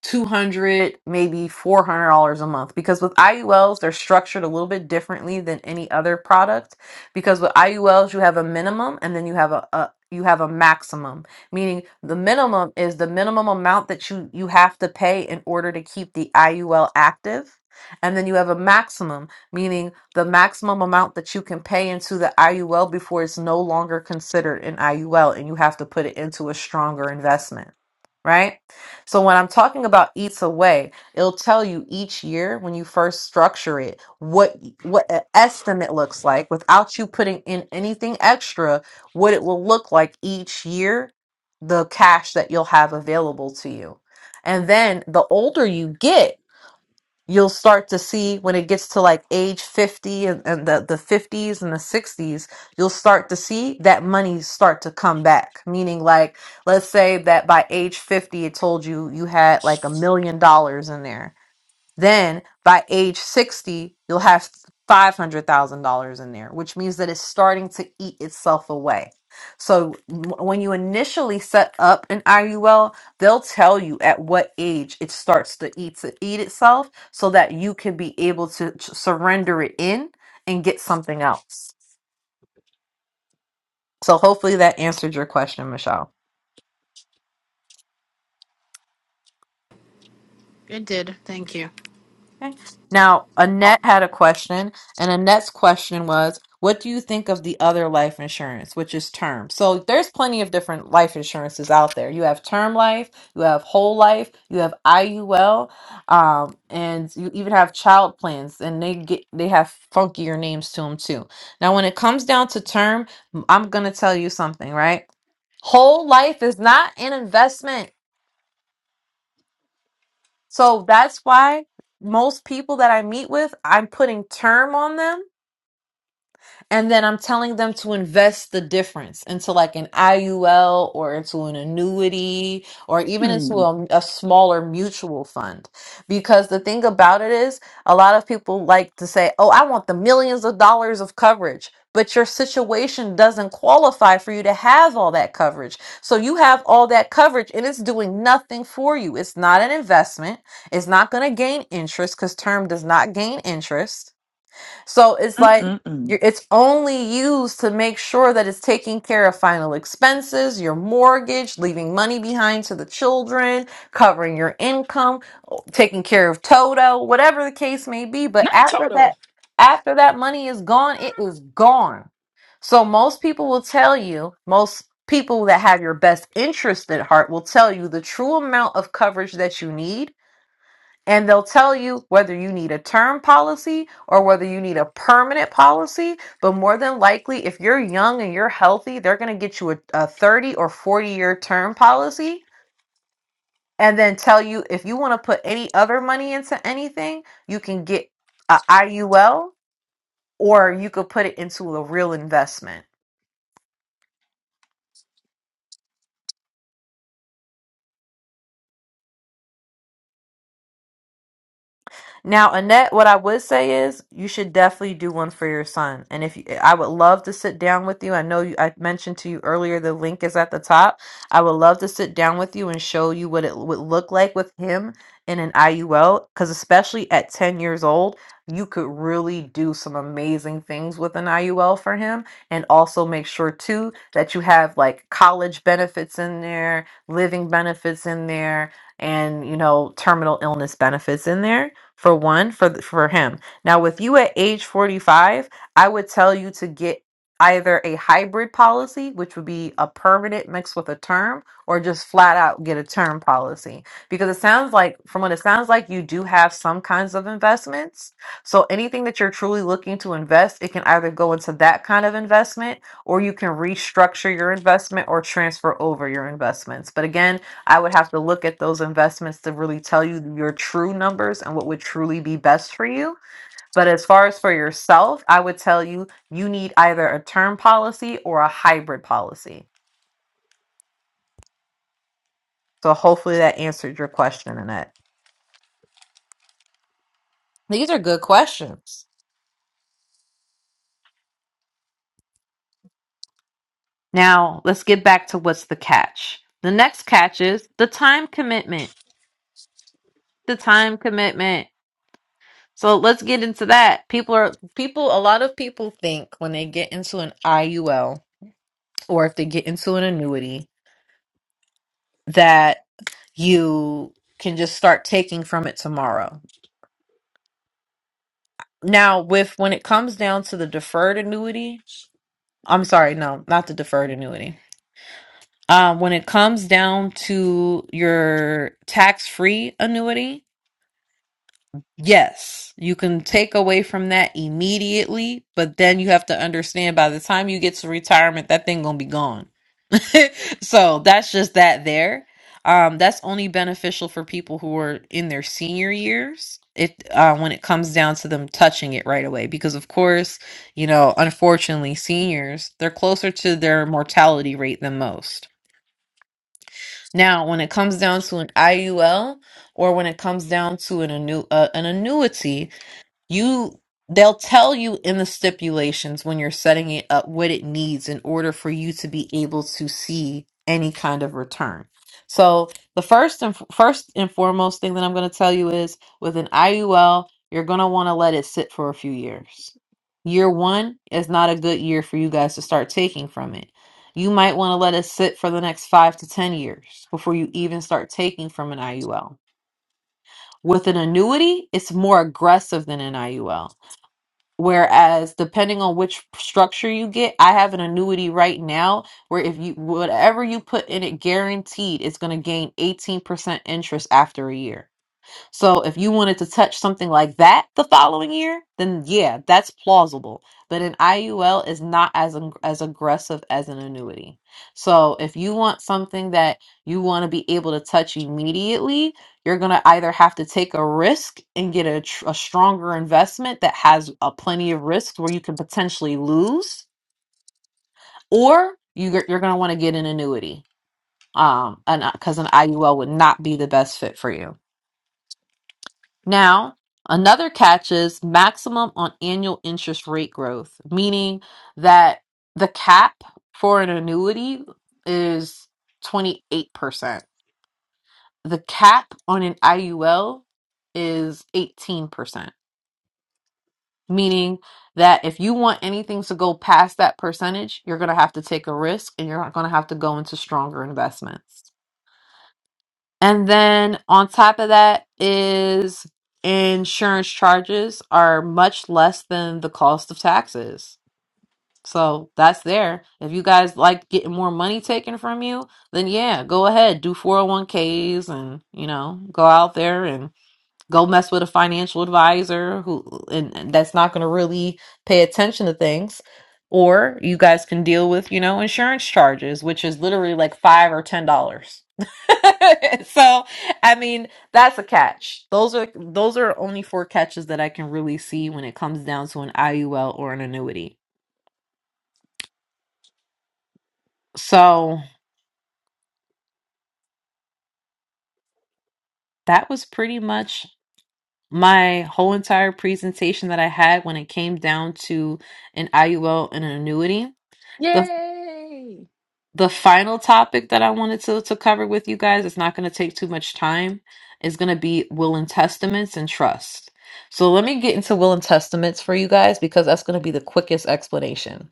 200 maybe $400 a month because with IULs they're structured a little bit differently than any other product because with IULs you have a minimum and then you have a, a you have a maximum meaning the minimum is the minimum amount that you you have to pay in order to keep the IUL active and then you have a maximum meaning the maximum amount that you can pay into the IUL before it's no longer considered an IUL and you have to put it into a stronger investment right so when I'm talking about eats away, it'll tell you each year when you first structure it what what an estimate looks like without you putting in anything extra, what it will look like each year, the cash that you'll have available to you. And then the older you get, you'll start to see when it gets to like age 50 and, and the, the 50s and the 60s you'll start to see that money start to come back meaning like let's say that by age 50 it told you you had like a million dollars in there then by age 60, you'll have $500,000 in there, which means that it's starting to eat itself away. So w- when you initially set up an IUL, they'll tell you at what age it starts to eat to eat itself so that you can be able to t- surrender it in and get something else. So hopefully that answered your question, Michelle.
It did. Thank you.
Okay. Now,
Oh,
Annette had a question, and Annette's question was, What do you think of the other life insurance, which is term? So, there's plenty of different life insurances out there. You have term life, you have whole life, you have IUL, um, and you even have child plans, and they get they have funkier names to them too. Now, when it comes down to term, I'm gonna tell you something, right? Whole life is not an investment. So that's why most people that I meet with, I'm putting term on them and then I'm telling them to invest the difference into like an IUL or into an annuity or even into
Mm.
a, a smaller mutual fund. Because the thing about it is, a lot of people like to say, oh, I want the millions of dollars of coverage. But your situation doesn't qualify for you to have all that coverage. So you have all that coverage and it's doing nothing for you. It's not an investment. It's not going to gain interest because term does not gain interest so it's like
Mm-mm-mm.
you it's only used to make sure that it's taking care of final expenses, your mortgage, leaving money behind to the children, covering your income, taking care of Toto, whatever the case may be. But
Not
after
Toto.
that, after that money is gone, it is gone. So most people will tell you, most people that have your best interest at heart will tell you the true amount of coverage that you need and they'll tell you whether you need a term policy or whether you need a permanent policy. But more than likely, if you're young and you're healthy, they're going to get you a, a 30 or 40 year term policy and then tell you if you want to put any other money into anything, you can get a IUL or you could put it into a real investment. Now, Annette, what I would say is you should definitely do one for your son. And if you, I would love to sit down with you, I know you, I mentioned to you earlier the link is at the top. I would love to sit down with you and show you what it would look like with him in an IUL, because especially at 10 years old, you could really do some amazing things with an IUL for him. And also make sure, too, that you have like college benefits in there, living benefits in there, and, you know, terminal illness benefits in there for one for th- for him now with you at age 45 i would tell you to get either a hybrid policy which would be a permanent mixed with a term or just flat out get a term policy because it sounds like from what it sounds like you do have some kinds of investments so anything that you're truly looking to invest it can either go into that kind of investment or you can restructure your investment or transfer over your investments but again I would have to look at those investments to really tell you your true numbers and what would truly be best for you. But as far as for yourself, I would tell you you need either a term policy or a hybrid policy. So hopefully that answered your question, Annette. These are good questions. Now let's get back to what's the catch. The next catch is the time commitment. The time commitment. So let's get into that. People are people a lot of people think when they get into an IUL or if they get into an annuity that you can just start taking from it tomorrow. Now, with when it comes down to the deferred annuity, I'm sorry, no, not the deferred annuity. Um, when it comes down to your tax free annuity, Yes, you can take away from that immediately, but then you have to understand by the time you get to retirement, that thing gonna be gone. [laughs] so that's just that there. Um, that's only beneficial for people who are in their senior years. It uh, when it comes down to them touching it right away, because of course, you know, unfortunately, seniors they're closer to their mortality rate than most. Now, when it comes down to an IUL or when it comes down to an annu- uh, an annuity, you they'll tell you in the stipulations when you're setting it up what it needs in order for you to be able to see any kind of return. So the first and first and foremost thing that I'm going to tell you is with an IUL, you're going to want to let it sit for a few years. Year 1 is not a good year for you guys to start taking from it. You might want to let it sit for the next 5 to 10 years before you even start taking from an IUL. With an annuity, it's more aggressive than an IUL Whereas, depending on which structure you get, I have an annuity right now where if you whatever you put in it guaranteed it's going to gain 18% interest after a year. So if you wanted to touch something like that the following year, then yeah, that's plausible. But an IUL is not as ag- as aggressive as an annuity. So if you want something that you want to be able to touch immediately, you're going to either have to take a risk and get a, tr- a stronger investment that has a plenty of risks where you can potentially lose, or you, g- you're going to want to get an annuity. Um, and because an IUL would not be the best fit for you. Now, another catch is maximum on annual interest rate growth, meaning that the cap for an annuity is 28%. The cap on an IUL is 18%, meaning that if you want anything to go past that percentage, you're going to have to take a risk and you're not going to have to go into stronger investments. And then on top of that is insurance charges are much less than the cost of taxes. So that's there. If you guys like getting more money taken from you, then yeah, go ahead, do 401ks and, you know, go out there and go mess with a financial advisor who and and that's not going to really pay attention to things or you guys can deal with you know insurance charges which is literally like five or ten dollars [laughs] so i mean that's a catch those are those are only four catches that i can really see when it comes down to an iul or an annuity so that was pretty much my whole entire presentation that i had when it came down to an iul and an annuity
Yay.
the final topic that I wanted to, to cover with you guys, it's not going to take too much time, is going to be will and testaments and trust. So let me get into will and testaments for you guys because that's going to be the quickest explanation.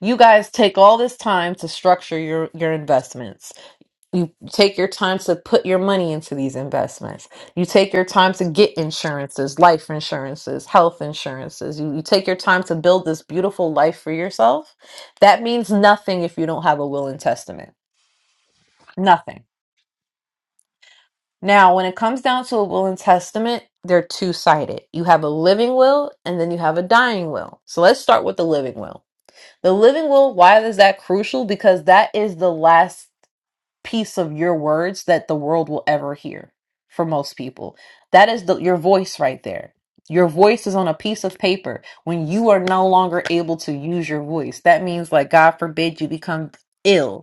You guys take all this time to structure your, your investments. You take your time to put your money into these investments. You take your time to get insurances, life insurances, health insurances. You, you take your time to build this beautiful life for yourself. That means nothing if you don't have a will and testament. Nothing. Now, when it comes down to a will and testament, they're two sided. You have a living will and then you have a dying will. So let's start with the living will. The living will, why is that crucial? Because that is the last piece of your words that the world will ever hear for most people. That is the, your voice right there. Your voice is on a piece of paper. When you are no longer able to use your voice, that means, like, God forbid you become ill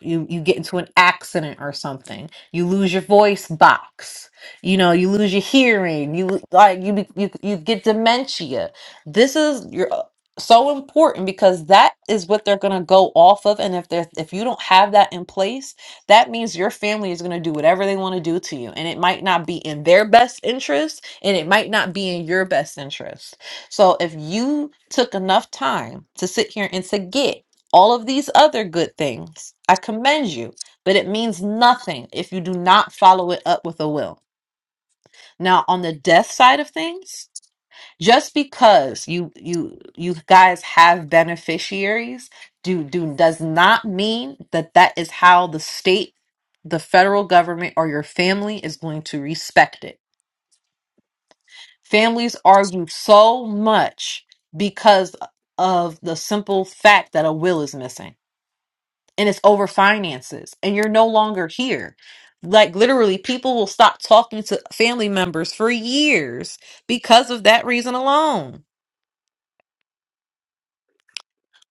you you get into an accident or something you lose your voice box you know you lose your hearing you lo- like you be- you, you get dementia this is your so important because that is what they're going to go off of and if they are if you don't have that in place that means your family is going to do whatever they want to do to you and it might not be in their best interest and it might not be in your best interest so if you took enough time to sit here and to get all of these other good things. I commend you, but it means nothing if you do not follow it up with a will. Now, on the death side of things, just because you you you guys have beneficiaries do do does not mean that that is how the state, the federal government or your family is going to respect it. Families argue so much because of the simple fact that a will is missing and it's over finances and you're no longer here like literally people will stop talking to family members for years because of that reason alone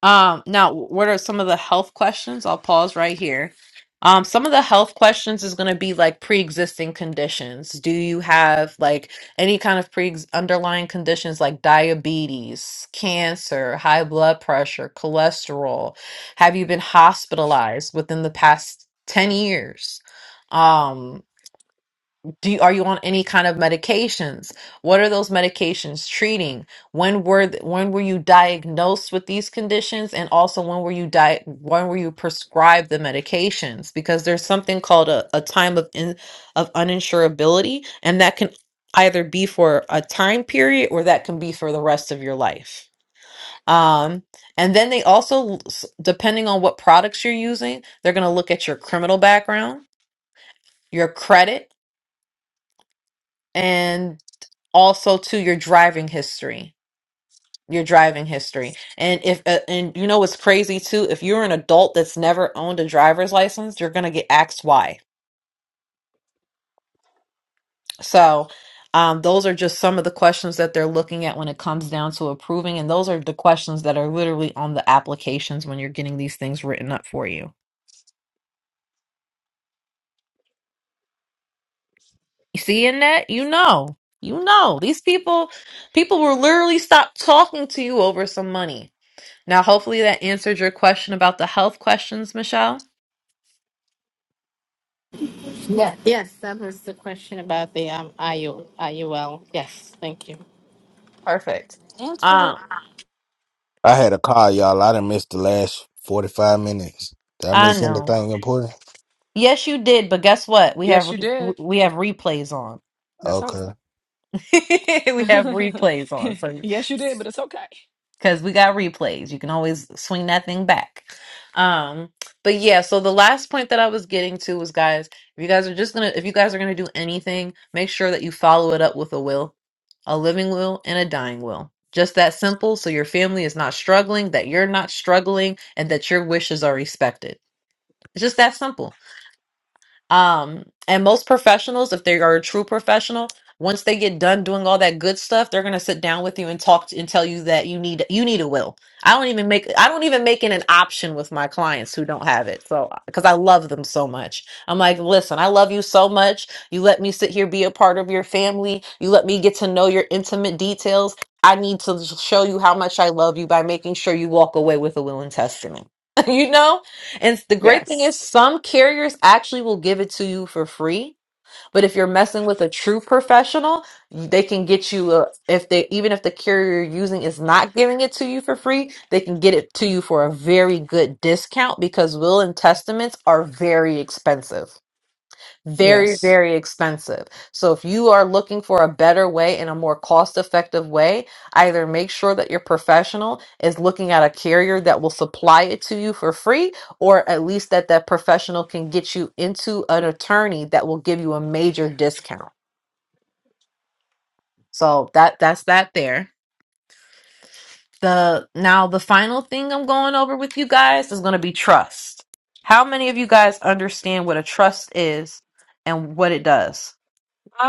Um, now, what are some of the health questions? I'll pause right here. Um, some of the health questions is going to be like pre-existing conditions. Do you have like any kind of pre underlying conditions like diabetes, cancer, high blood pressure, cholesterol? Have you been hospitalized within the past 10 years? Um, do you, are you on any kind of medications? What are those medications treating? When were th- when were you diagnosed with these conditions, and also when were you di- when were you prescribed the medications? Because there's something called a, a time of in, of uninsurability, and that can either be for a time period or that can be for the rest of your life. Um, and then they also, s- depending on what products you're using, they're going to look at your criminal background, your credit. And also to your driving history your driving history and if uh, and you know what's crazy too if you're an adult that's never owned a driver's license you're going to get asked why so um, those are just some of the questions that they're looking at when it comes down to approving and those are the questions that are literally on the applications when you're getting these things written up for you you see in that you know you know these people people will literally stop talking to you over some money now hopefully that answered your question about the health questions michelle
Yeah. Yes, that was the question about the um, IU, Yes, thank you.
Perfect.
Answered it.
Um,
I had a call, y'all. I done missed the last 45 minutes. Did I
I
miss
know.
anything important?
Yes, you did, but guess what? We have
Yes, you
re-
did.
we have replays on.
That's all
Okay.
[laughs] we have
right.
replays on.
[laughs]
So
yes, you did, but it's okay.
because we got replays, you can always swing that thing back. Um, but yeah, so the last point that I was getting to was guys, if you guys are just gonna if you guys are gonna do anything, make sure that you follow it up with a will, a living will and a dying will. Just that simple, so your family is not struggling, that you're not struggling, and that your wishes are respected. It's just that simple Um, and most professionals, if they are a true professional, once they get done doing all that good stuff, they're gonna sit down with you and talk to, and tell you that you need you need a will. I don't even make I don't even make it an option with my clients who don't have it. So because I love them so much, I'm like, listen, I love you so much. You let me sit here be a part of your family. You let me get to know your intimate details. I need to show you how much I love you by making sure you walk away with a will and testament. [laughs] you know and the great thing is,
Yes.
some carriers actually will give it to you for free. But if you're messing with a true professional, they can get you a, if they even if the carrier you're using is not giving it to you for free, they can get it to you for a very good discount because will and testaments are very expensive very,
Yes.
very expensive. So if you are looking for a better way and a more cost-effective way, either make sure that your professional is looking at a carrier that will supply it to you for free, or at least that that professional can get you into an attorney that will give you a major discount. So that that's that there. The now the final thing I'm going over with you guys is going to be trust. How many of you guys understand what a trust is and what it does?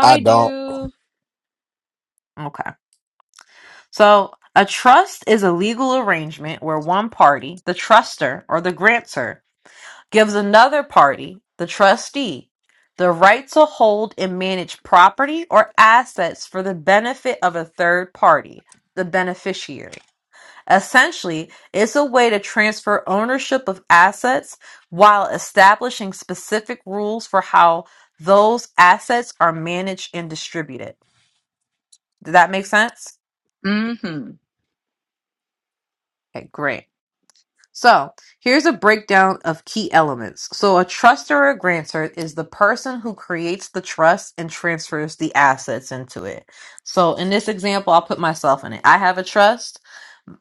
I don't.
do.
Okay. So, a trust is a legal arrangement where one party, the truster or the grantor, gives another party, the trustee, the right to hold and manage property or assets for the benefit of a third party, the beneficiary. Essentially, it's a way to transfer ownership of assets while establishing specific rules for how those assets are managed and distributed. Did that make sense?
Mm-hmm.
Okay, great. So here's a breakdown of key elements. So a trust or a grantor is the person who creates the trust and transfers the assets into it. So in this example, I'll put myself in it. I have a trust.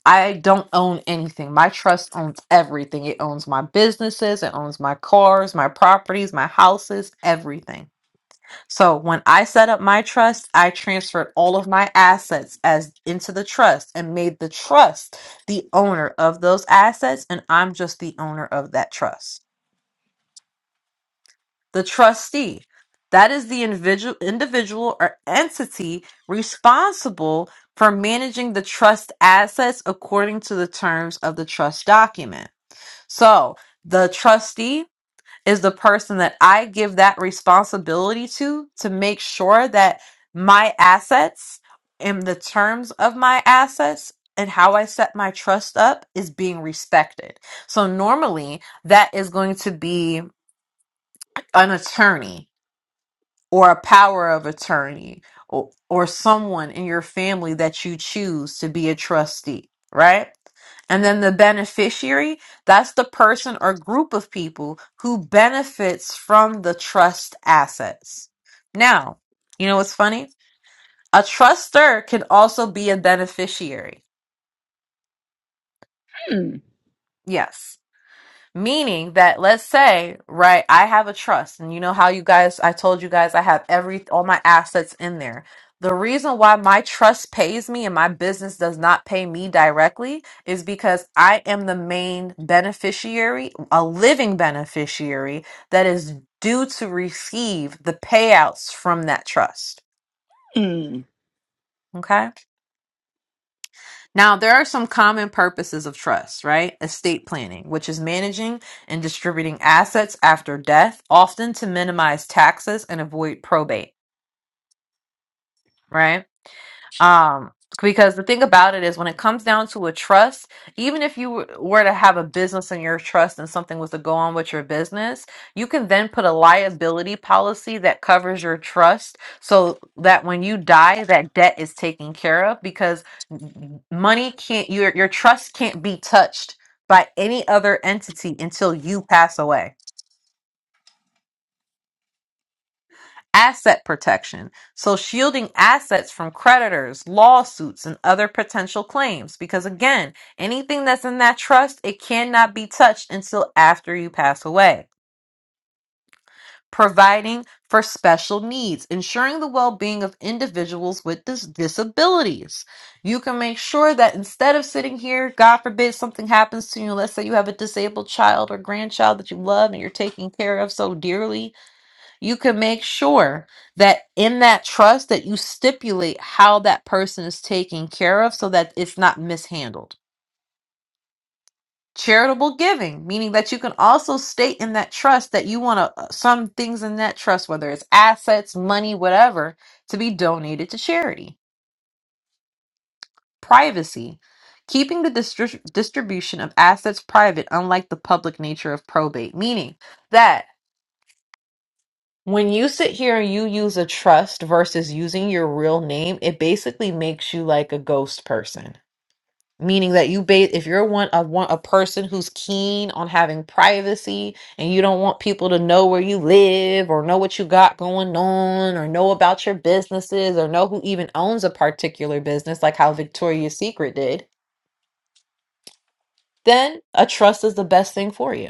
I don't own anything. My trust owns everything. It owns my businesses, it owns my cars, my properties, my houses, everything. So when I set up my trust, I transferred all of my assets as into the trust and made the trust the owner of those assets and I'm just the owner of that trust. The trustee, that is the individual individual or entity responsible for managing the trust assets according to the terms of the trust document. So, the trustee is the person that I give that responsibility to to make sure that my assets and the terms of my assets and how I set my trust up is being respected. So normally that is going to be an attorney or a power of attorney or, or someone in your family that you choose to be a trustee, right? And then the beneficiary, that's the person or group of people who benefits from the trust assets. Now, you know what's funny? A truster can also be a beneficiary.
Mm.
Yes. Meaning that let's say, right, I have a trust and you know how you guys I told you guys I have every all my assets in there. The reason why my trust pays me and my business does not pay me directly is because I am the main beneficiary, a living beneficiary that is due to receive the payouts from that trust.
Mm.
Okay? Now, there are some common purposes of trust, right? Estate planning, which is managing and distributing assets after death, often to minimize taxes and avoid probate, right? um because the thing about it is when it comes down to a trust even if you w- were to have a business in your trust and something was to go on with your business you can then put a liability policy that covers your trust so that when you die that debt is taken care of because m- money can't your your trust can't be touched by any other entity until you pass away asset protection. So shielding assets from creditors, lawsuits, and other potential claims. Because again, anything that's in that trust, it cannot be touched until after you pass away. Providing for special needs, ensuring the well being of individuals with dis- disabilities. You can make sure that instead of sitting here, God forbid something happens to you, let's say you have a disabled child or grandchild that you love and you're taking care of so dearly, you can make sure that in that trust that you stipulate how that person is taken care of so that it's not mishandled charitable giving meaning that you can also state in that trust that you want to some things in that trust whether it's assets money whatever to be donated to charity privacy keeping the distri- distribution of assets private unlike the public nature of probate meaning that. When you sit here and you use a trust versus using your real name, it basically makes you like a ghost person. Meaning that you ba- if you're one a one a person who's keen on having privacy and you don't want people to know where you live or know what you got going on or know about your businesses or know who even owns a particular business like how Victoria's Secret did, then a trust is the best thing for you.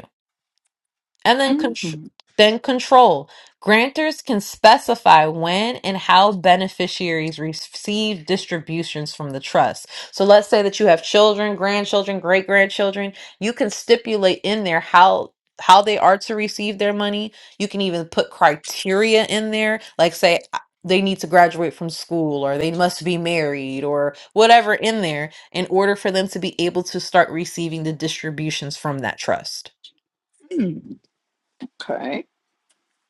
And then, contr-
Mm-hmm.
then control. Grantors can specify when and how beneficiaries receive distributions from the trust. So let's say that you have children, grandchildren, great grandchildren. You can stipulate in there how how they are to receive their money. You can even put criteria in there, like say I- they need to graduate from school or they must be married or whatever in there in order for them to be able to start receiving the distributions from that trust.
Okay.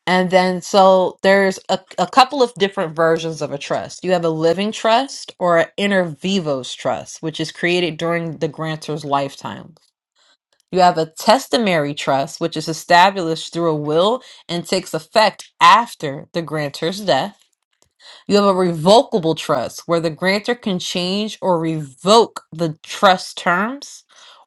And then, so there's a, a couple of different versions of a trust. You have a living trust or an inter vivos trust, which is created during the grantor's lifetime. You have a testamentary trust, which is established through a will and takes effect after the grantor's death. You have a revocable trust where the grantor can change or revoke the trust terms,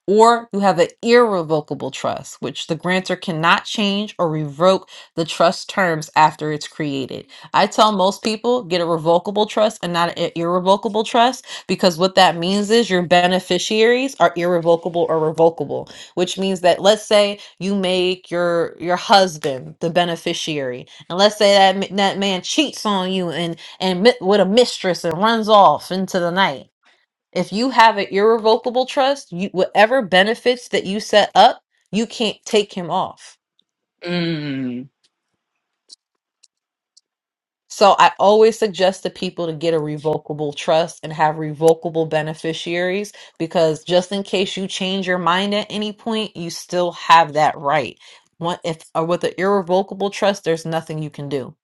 or you have an irrevocable trust, which the grantor cannot change or revoke the trust terms after it's created. I tell most people get a revocable trust and not an irrevocable trust because what that means is your beneficiaries are irrevocable or revocable, which means that let's say you make your your husband the beneficiary and let's say that ma- that man cheats on you and and mi- with a mistress and runs off into the night. If you have an irrevocable trust, you whatever benefits that you set up, you can't take him off.
Mm.
So I always suggest to people to get a revocable trust and have revocable beneficiaries because just in case you change your mind at any point, you still have that right. One, if or with an irrevocable trust, there's nothing you can do.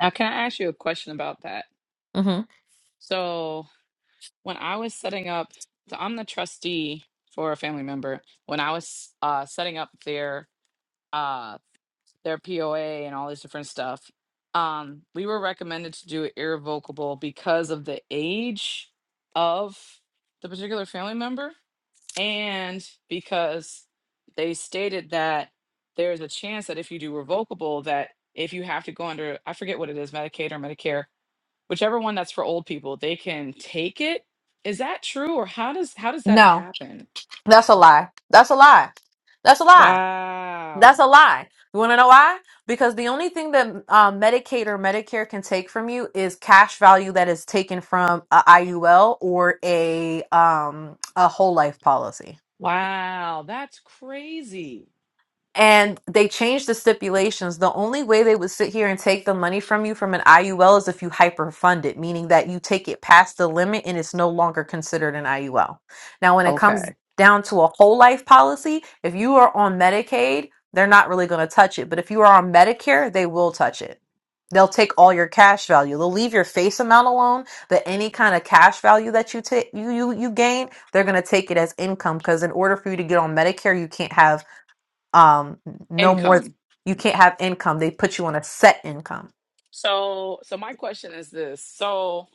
Now, can I ask you a question about that?
hmm
So, when I was setting up, so I'm the trustee for a family member. When I was uh, setting up their uh, their POA and all this different stuff, um, we were recommended to do it irrevocable because of the age of the particular family member, and because they stated that there's a chance that if you do revocable, that if you have to go under, I forget what it is, Medicaid or Medicare, whichever one that's for old people they can take it is that true or how does how does that
No,
happen
that's a lie. That's a lie. That's a lie That's
wow
a lie. You want to know why? Because the only thing that um, Medicaid or Medicare can take from you is cash value that is taken from a IUL or a um, a whole life policy.
wow that's crazy
and they changed the stipulations. The only way they would sit here and take the money from you from an IUL is if you hyperfund it, meaning that you take it past the limit and it's no longer considered an IUL. Now, when it comes
okay
down to a whole life policy, if you are on Medicaid, they're not really going to touch it. But if you are on Medicare, they will touch it. They'll take all your cash value. They'll leave your face amount alone, but any kind of cash value that you take you you you gain, they're going to take it as income because in order for you to get on Medicare, you can't have um no more
income
you can't have income they put you on a set income
so so my question is this so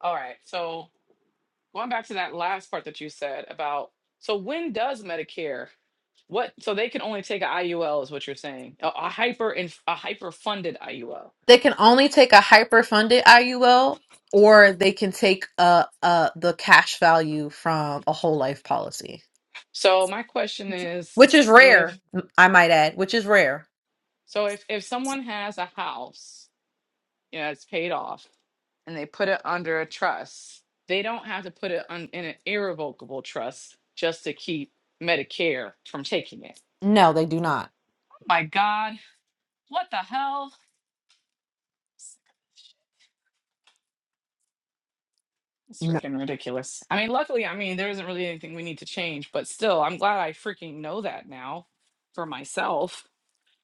all right so going back to that last part that you said about so when does medicare what so they can only take a iul is what you're saying a, a hyper and a hyper funded iul
they can only take a hyper funded iul or they can take uh uh the cash value from a whole life policy
so my question is
which is rare m- i might add which is rare
So if if someone has a house, you know, it's paid off, and they put it under a trust, they don't have to put it on, in an irrevocable trust just to keep Medicare from taking it.
no they do not
Oh My God, what the hell? It's
no
freaking ridiculous. I mean, luckily, I mean, there isn't really anything we need to change, but still, I'm glad I freaking know that now for myself.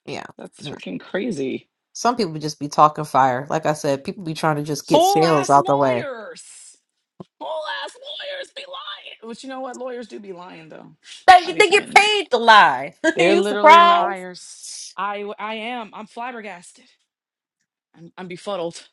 yeah
That's
no.
freaking crazy.
some people just be talking fire like i said people be trying to just get
Whole
sales
ass
out the way
lawyers. Whole ass lawyers be lying. But you know what? Lawyers do be lying though.
they,
I be
they get
forgetting that.
paid to lie [laughs]
They're
you
literally
surprised
liars. I I w- I am. I'm flabbergasted. I'm, I'm befuddled.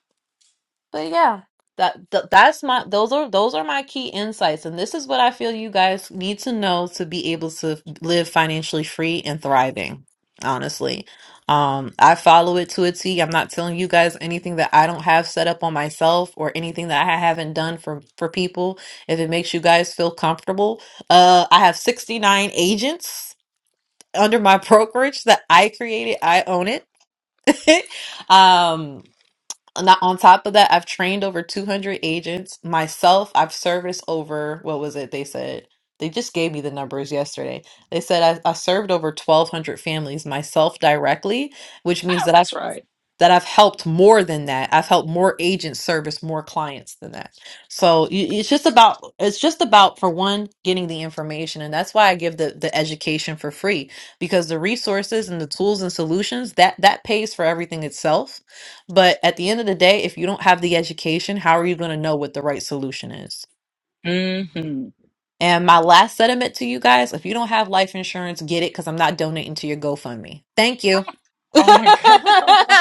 But yeah, that th- that's my those are those are my key insights, and this is what I feel you guys need to know to be able to live financially free and thriving. Honestly, um, I follow it to a T. I'm not telling you guys anything that I don't have set up on myself or anything that I haven't done for for people. If it makes you guys feel comfortable, uh, I have 69 agents under my [laughs] brokerage that I created. I own it. [laughs] um and that- on top of that, I've trained over 200 agents myself. I've serviced over, what was it? They said, they just gave me the numbers yesterday. They said I, I served over 1,200 families myself directly, which means
Oh,
that I
that's right.
that I've helped more than that. I've helped more agents service more clients than that. So y- it's just about it's just about for one getting the information and that's why I give the the education for free because the resources and the tools and solutions that that pays for everything itself. But at the end of the day, if you don't have the education, how are you going to know what the right solution is?
hmm
And my last sentiment to you guys, if you don't have life insurance, get it cuz I'm not donating to your GoFundMe. Thank you.
Oh my god. [laughs]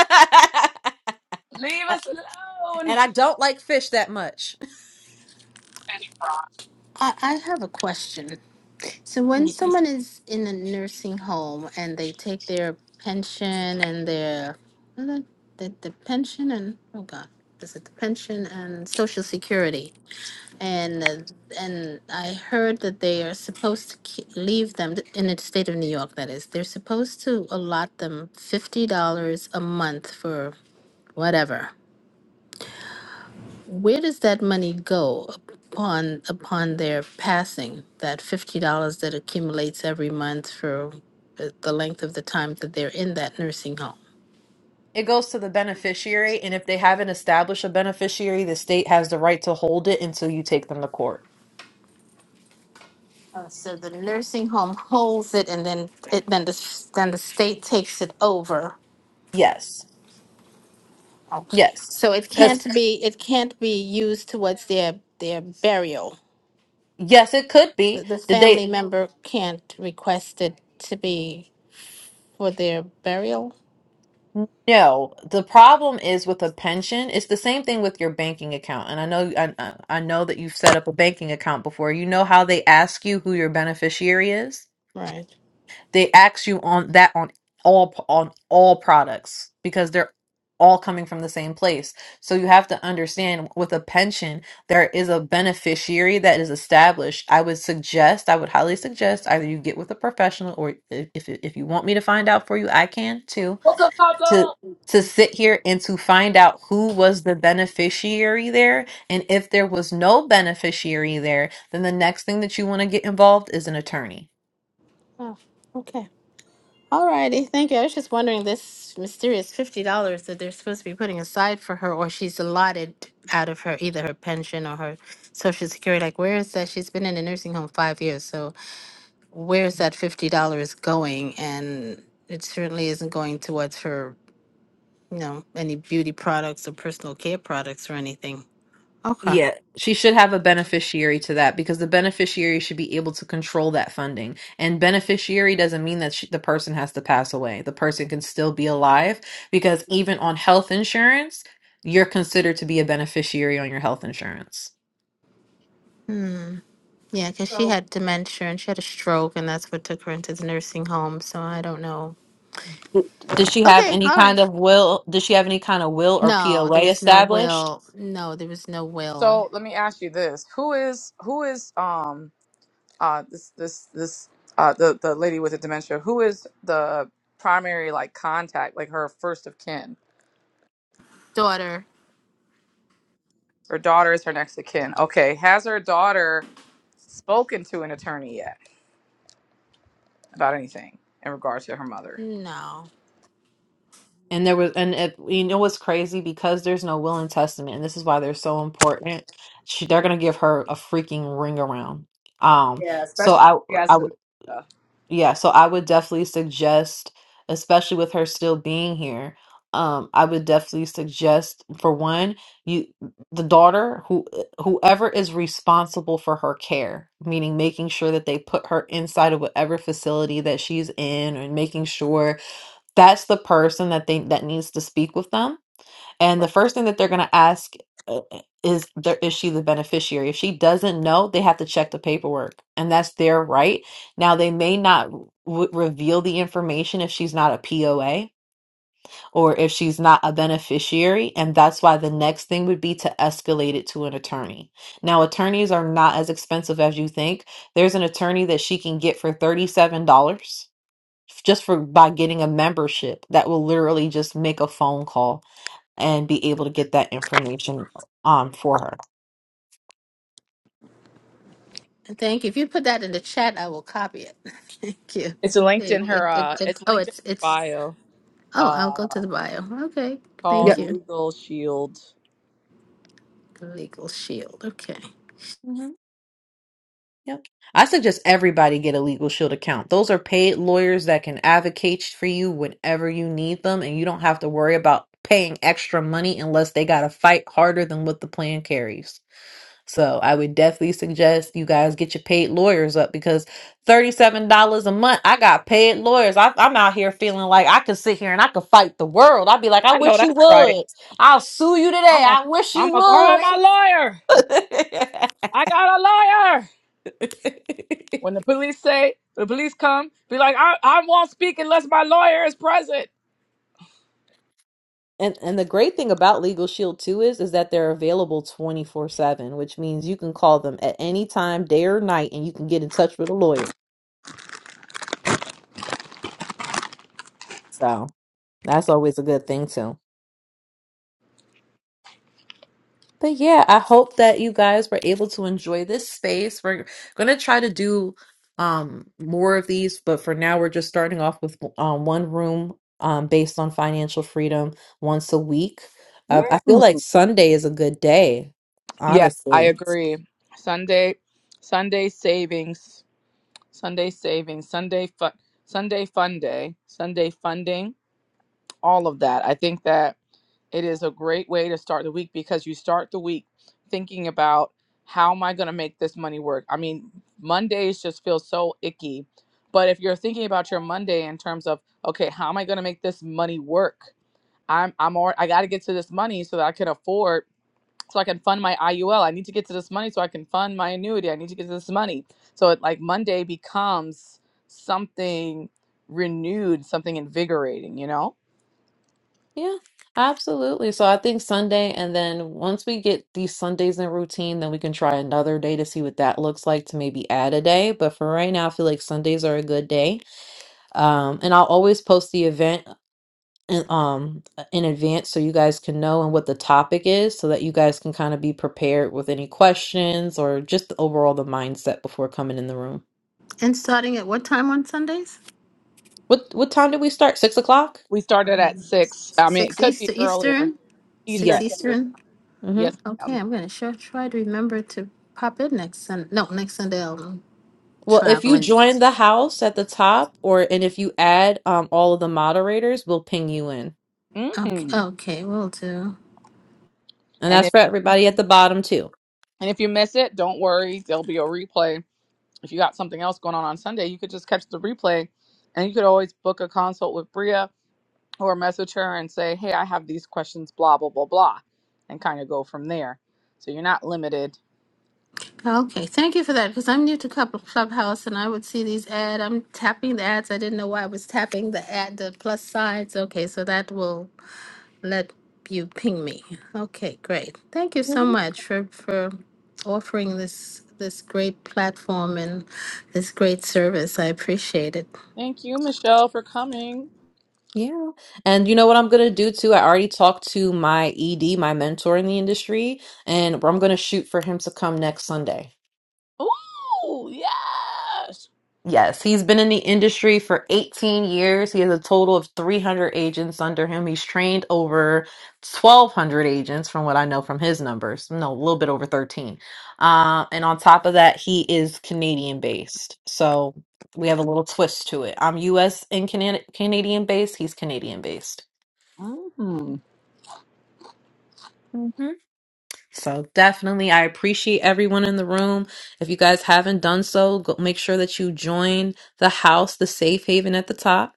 Leave
[laughs]
us alone.
And I don't like fish that much.
I, I have a question. So, when
[laughs]
someone is in a nursing home and they take their pension and their the, the, the pension and oh god, is it the pension and Social Security? and uh, and I heard that they are supposed to ke- leave them th- in the state of New York. That is, they're supposed to allot them fifty dollars a month for whatever. Where does that money go upon upon their passing? That fifty dollars that accumulates every month for the the length of the time that they're in that nursing home.
It goes to the beneficiary, and if they haven't established a beneficiary, the state has the right to hold it until you take them to court.
Oh, so the nursing home holds it, and then it then the s- then the state takes it over
Yes.
Okay.
Yes.
So it can't
Because,
be, it can't be used towards their, their burial.
yes, it could
The,
be.
the
Did they?
family member can't request it to be for their burial?
No. The problem is with a pension, it's the same thing with your banking account. And I know I, I I know that you've set up a banking account before. You know how they ask you who your beneficiary is?
Right.
They ask you on that on all on all products because they're all coming from the same place. So you have to understand with a pension, there is a beneficiary that is established. I would suggest, I would highly suggest either you get with a professional or if if, if you want me to find out for you, I can too
Coca Coco.
to
Coco.
to sit here and to find out who was the beneficiary there and if there was no beneficiary there then the next thing that you want to get involved is an attorney
Oh, okay. All righty. Thank you. I was just wondering this mysterious fifty dollars that they're supposed to be putting aside for her or she's allotted out of her, either her pension or her social security. Like where is that? She's been in a nursing home five years, so where's that fifty dollars going? And it certainly isn't going towards her you know, any beauty products or personal care products or anything. Okay.
Yeah, she should have a beneficiary to that because the beneficiary should be able to control that funding. And beneficiary doesn't mean that she, the person has to pass away. The person can still be alive because even on health insurance, you're considered to be a beneficiary on your health insurance.
Hmm. Yeah, because she
So,
had dementia and she had a stroke, and that's what took her into the nursing home. So I don't know.
Does she have
Okay.
any
All right.
kind of will? Does she have any kind of will or
No, there
POA
was no
established?
will. No, there was no will.
so let me ask you this: Who is who is um uh this this this uh the the lady with the dementia? Who is the primary like contact, like her first of kin?
Daughter.
Her daughter is her next of kin. Okay. Has her daughter spoken to an attorney yet about anything in regards to her mother?
No.
And there was, and it, you know what's crazy? Because there's no will and testament, and this is why they're so important. She, they're gonna give her a freaking ring around. Um,
Yeah,
so
especially
I,
if you guys
I
the
would,
stuff.
yeah, so I would definitely suggest, especially with her still being here, um, I would definitely suggest for one, you, the daughter, who, whoever is responsible for her care, meaning making sure that they put her inside of whatever facility that she's in, and making sure that's the person that they that needs to speak with them and
Right.
the first thing that they're going to ask uh, uh, is there is she the beneficiary if she doesn't know they have to check the paperwork and that's their right now they may not w- reveal the information if she's not a poa or if she's not a beneficiary and that's why the next thing would be to escalate it to an attorney now attorneys are not as expensive as you think there's an attorney that she can get for $37 just for by getting a membership that will literally just make a phone call and be able to get that information um for her.
And Thank you. If you put that in the chat, I will copy it. [laughs] Thank you.
It's linked
It,
in
it,
her
it,
uh
it,
it's
oh,
linked in
it's
her
it's.
bio
Oh, I'll go to
uh
the bio. Okay.
called
Thank
Yep.
you.
Legal Shield.
Legal shield. Okay.
hmm Yep. I suggest everybody get a Legal Shield account. Those are paid lawyers that can advocate for you whenever you need them, and you don't have to worry about paying extra money unless they got to fight harder than what the plan carries. So I would definitely suggest you guys get your paid lawyers up because $37 a month, I got paid lawyers. I, I'm out here feeling like I could sit here and I could fight the world. I'd be like, I
I know
wish you
that's right.
would. I'll sue you today.
I'm a
I wish you
I'm a call my lawyer.
would.
I got a lawyer.
[laughs]
When the police say the police come, be like, I I won't speak unless my lawyer is present.
And, and the great thing about Legal Shield too is is that they're available 24/7, which means you can call them at any time, day or night, and you can get in touch with a lawyer. So that's always a good thing too. But yeah, I hope that you guys were able to enjoy this space. We're going to try to do um more of these, but for now we're just starting off with um one room um based on financial freedom once a week. Uh, I feel
Mhm.
like Sunday is a good day,
Yeah, I
honestly.
agree. Sunday, Sunday savings, Sunday savings, Sunday fun, Sunday fun day, Sunday funding, all of that. I think that it is a great way to start the week because you start the week thinking about how am I going to make this money work? I mean, Mondays just feel so icky. But if you're thinking about your Monday in terms of, okay, how am I going to make this money work? I'm I'm already, I got to get to this money so that I can afford so I can fund my IUL. I need to get to this money so I can fund my annuity. I need to get to this money. So it like Monday becomes something renewed, something invigorating, you know?
Yeah, absolutely. So I think Sunday and then once we get these Sundays in routine, then we can try another day to see what that looks like to maybe add a day, but for right now I feel like Sundays are a good day. Um, and I'll always post the event in- um uh, in advance so you guys can know and what the topic is so that you guys can kind of be prepared with any questions or just the overall the mindset before coming in the room
And starting at what time on Sundays?
what what time did we start six o'clock
We started at
Um,
six. I mean, it
six
could be
Easter
earlier.
Eastern, six
Eastern
yes
Standard.
Eastern.
mm-hmm.
Yes,
Okay,
ma'am.
I'm gonna sure try to remember to pop in next Sun. No, next Sunday I'm
well if you
traveling.
join the house at the top or and if you add um all of the moderators we'll ping you in
Mm-hmm.
Okay, okay, will do.
and
And
that's for
if
everybody at the bottom too
And if you miss it, don't worry, there'll be a replay. If you got something else going on on Sunday, you could just catch the replay and you could always book a consult with Bria or message her and say, hey, I have these questions, blah, blah, blah, blah, and kind of go from there. So you're not limited.
Okay, thank you for that because I'm new to Club Clubhouse and I would see these ad. I'm tapping the ads. I didn't know why I was tapping the ad, the plus signs. Okay, so that will let you ping me. Okay, great. Thank you so
Mhm.
much for for offering this this great platform and this great service. I appreciate it.
Thank you, Michelle, for coming.
yeah and you know what i'm gonna do too i already talked to my ed my mentor in the industry and i'm gonna shoot for him to come next sunday
Ooh, yes.
Yes, he's been in the industry for 18 years. He has a total of 300 agents under him. He's trained over 1,200 agents, from what I know from his numbers. No, a little bit over 13. Uh, and on top of that, he is Canadian based. So we have a little twist to it. I'm US and Cana- Canadian based. He's Canadian based.
Mm,
hmm So definitely, I appreciate everyone in the room. If you guys haven't done so, go make sure that you join the house, the safe haven at the top.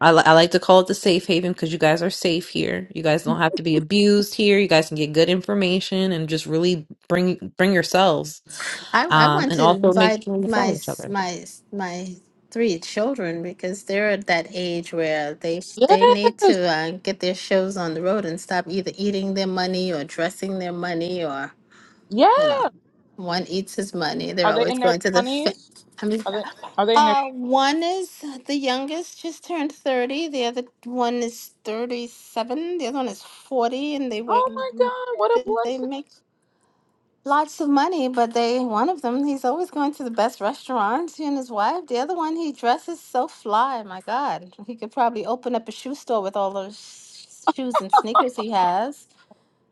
I, li- I like to call it the safe haven because you guys are safe here. You guys don't have to be abused here. You guys can get good information and just really bring bring yourselves.
I, I
Um,
want
and
to
also make
invite
sure you
my
follow each
s-
other.
my s- my three children because they're at that age where they they need to
yes.
uh, get their shows on the road and stop either eating their money or dressing their money or you know,
Yes.
one eats his money. They're
Are they
always
in their
going to the. Fa-
20s?
I mean,
Are they,
uh,
are they in their,
uh, one is the youngest, just turned thirty. The other one is thirty-seven. The other one is forty, and they wait.
oh my God, what a
They they
blessing.
make lots of money, but they one of them he's always going to the best restaurants. He and his wife. The other one he dresses so fly. My God, he could probably open up a shoe store with all those shoes and sneakers he has.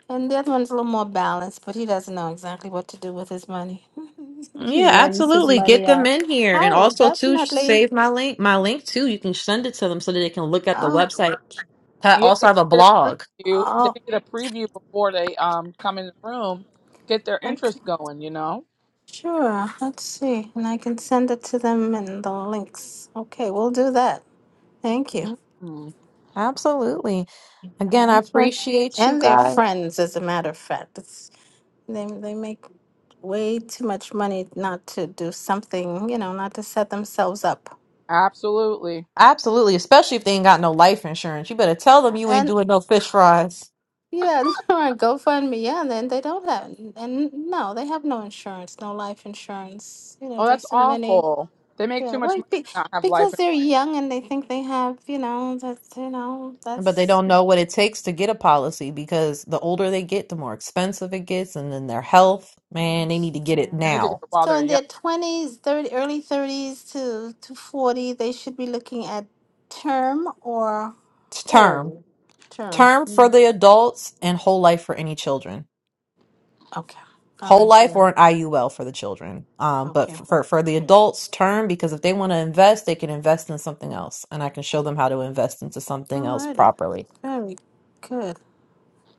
And the other one's a little more balanced, but he doesn't know exactly what to do with his money. [laughs] he
Yeah,
lends his
absolutely. Get
money
them
out.
in here,
I
and
will
also too
definitely.
save my link. My link too. You can send it to them so that they can look at the
Oh,
website. I
Yeah,
also
they
have a
can get a
blog.
preview. They
oh,
can get a preview before they um come in the room, get their
okay.
interest going. You know.
Sure. Let's see. And I can send it to them in the links. Okay, we'll do that. Thank you.
Mhm.
Absolutely. Again, I
That's right.
appreciate you
And they're
guys.
friends, as a matter of fact. It's, they, they make way too much money not to do something, you know, not to set themselves up.
Absolutely.
Absolutely, especially if they ain't got no life insurance. You better tell them you ain't
And.
doing no fish fries.
Yeah, [laughs] on GoFundMe. Yeah, and then they don't have, and no, they have no insurance, no life insurance. You know,
Oh,
there's
that's
so many.
awful. They make
Yeah,
too much
well,
money
be,
to not have life,
because
and
they're young and they think they have, you know, that's, you know,
But they
that's.
don't know what it takes to get a policy because the older they get, the more expensive it gets. And then their health, man, they need to get it
they need to get
now.
it while
So
they're
in their twenties, thirty, early thirties to to forty, they should be looking at term or
It's term.
whole term.
Term for
Mm.
the adults and whole life for any children.
Okay. All
Whole
right.
life
Yeah.
or an IUL for the children. Um, but
Okay.
for, for, for the
Good.
adults, term, because if they want to invest, they can invest in something else. And I can show them how to invest into something else
Alrighty.
properly.
Very good.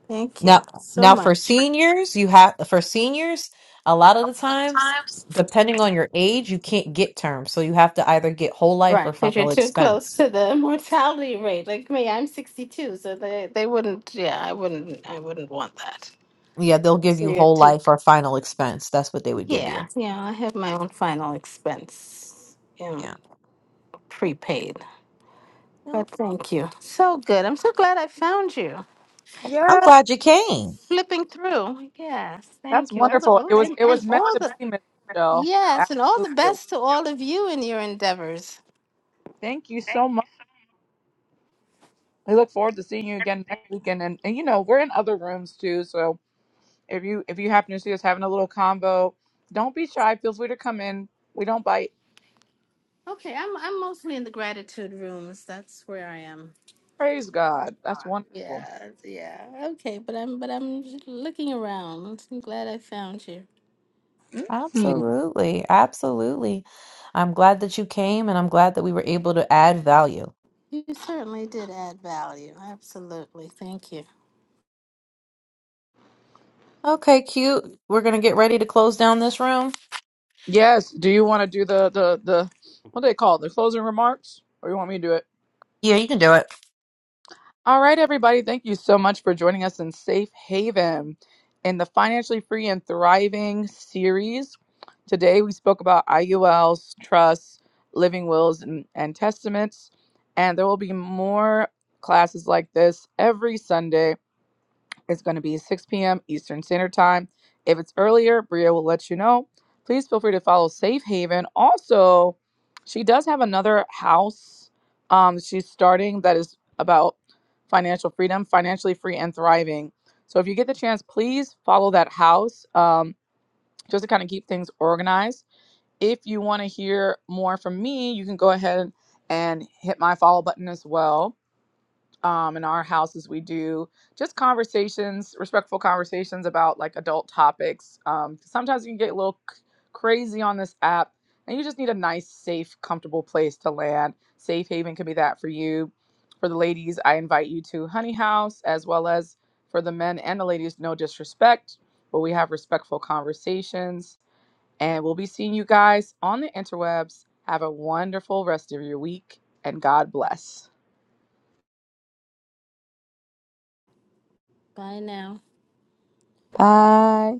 Thank
Now,
you so
now for
much.
seniors, you have for seniors, a lot of the times, depending on your age, you can't get term. So you have to either get whole life or
Right, because you're
final
too close
expense.
to the [laughs] mortality rate. Like me, I'm 62, so they, they wouldn't. Yeah, I wouldn't. I wouldn't want that.
Yeah, they'll give you whole life or final expense. That's what they would give
Yeah,
you.
yeah. I have my own final expense, you know,
Yeah.
prepaid.
Yeah.
But thank you. So good. I'm so glad I found you.
I'm
young.
glad you came.
Flipping through. Yes,
That's
thank you. All the
wonderful.
all,
It was
and,
it was
and
meant
all
to
the
be, Miss Michelle.
yes, and all the
Absolutely. it was.
best to all of you in your endeavors.
Thank you so much. We look forward to seeing you again next weekend. And, and you know, we're in other rooms too. So if you if you happen to see us having a little combo, don't be shy. Feel free to come in. We don't bite.
Okay, I'm I'm mostly in the gratitude rooms. That's where I am.
Praise God. That's wonderful.
Yeah, so, yeah. Okay, but I'm but I'm j- looking around. I'm glad I found you.
Mhm.
Absolutely. Absolutely. I'm glad that you came and I'm glad that we were able to add value.
You certainly did add value. Absolutely. Thank you.
Okay, cute. We're going to get ready to close down this room.
Yes. Do you want to do the the the what do they call it? the closing remarks, or you want me to do it?
Yeah, you can do it.
All right, everybody. Thank you so much for joining us in Safe Haven in the Financially Free and Thriving series. Today, we spoke about IULs, trusts, living wills, and, and testaments. And there will be more classes like this every Sunday it's going to be 6 p.m. Eastern Standard Time. If it's earlier, Bria will let you know. Please feel free to follow Safe Haven. Also, she does have another house um, she's starting that is about financial freedom, financially free and thriving. So if you get the chance, please follow that house um, just to kind of keep things organized. If you want to hear more from me, you can go ahead and hit my follow button as well um, in our houses we do just conversations respectful conversations about like adult topics um, sometimes you can get a little c- crazy on this app and you just need a nice safe comfortable place to land safe haven can be that for you for the ladies i invite you to honey house as well as for the men and the ladies no disrespect but we have respectful conversations and we'll be seeing you guys on the interwebs have a wonderful rest of your week and god bless
Bye now.
bye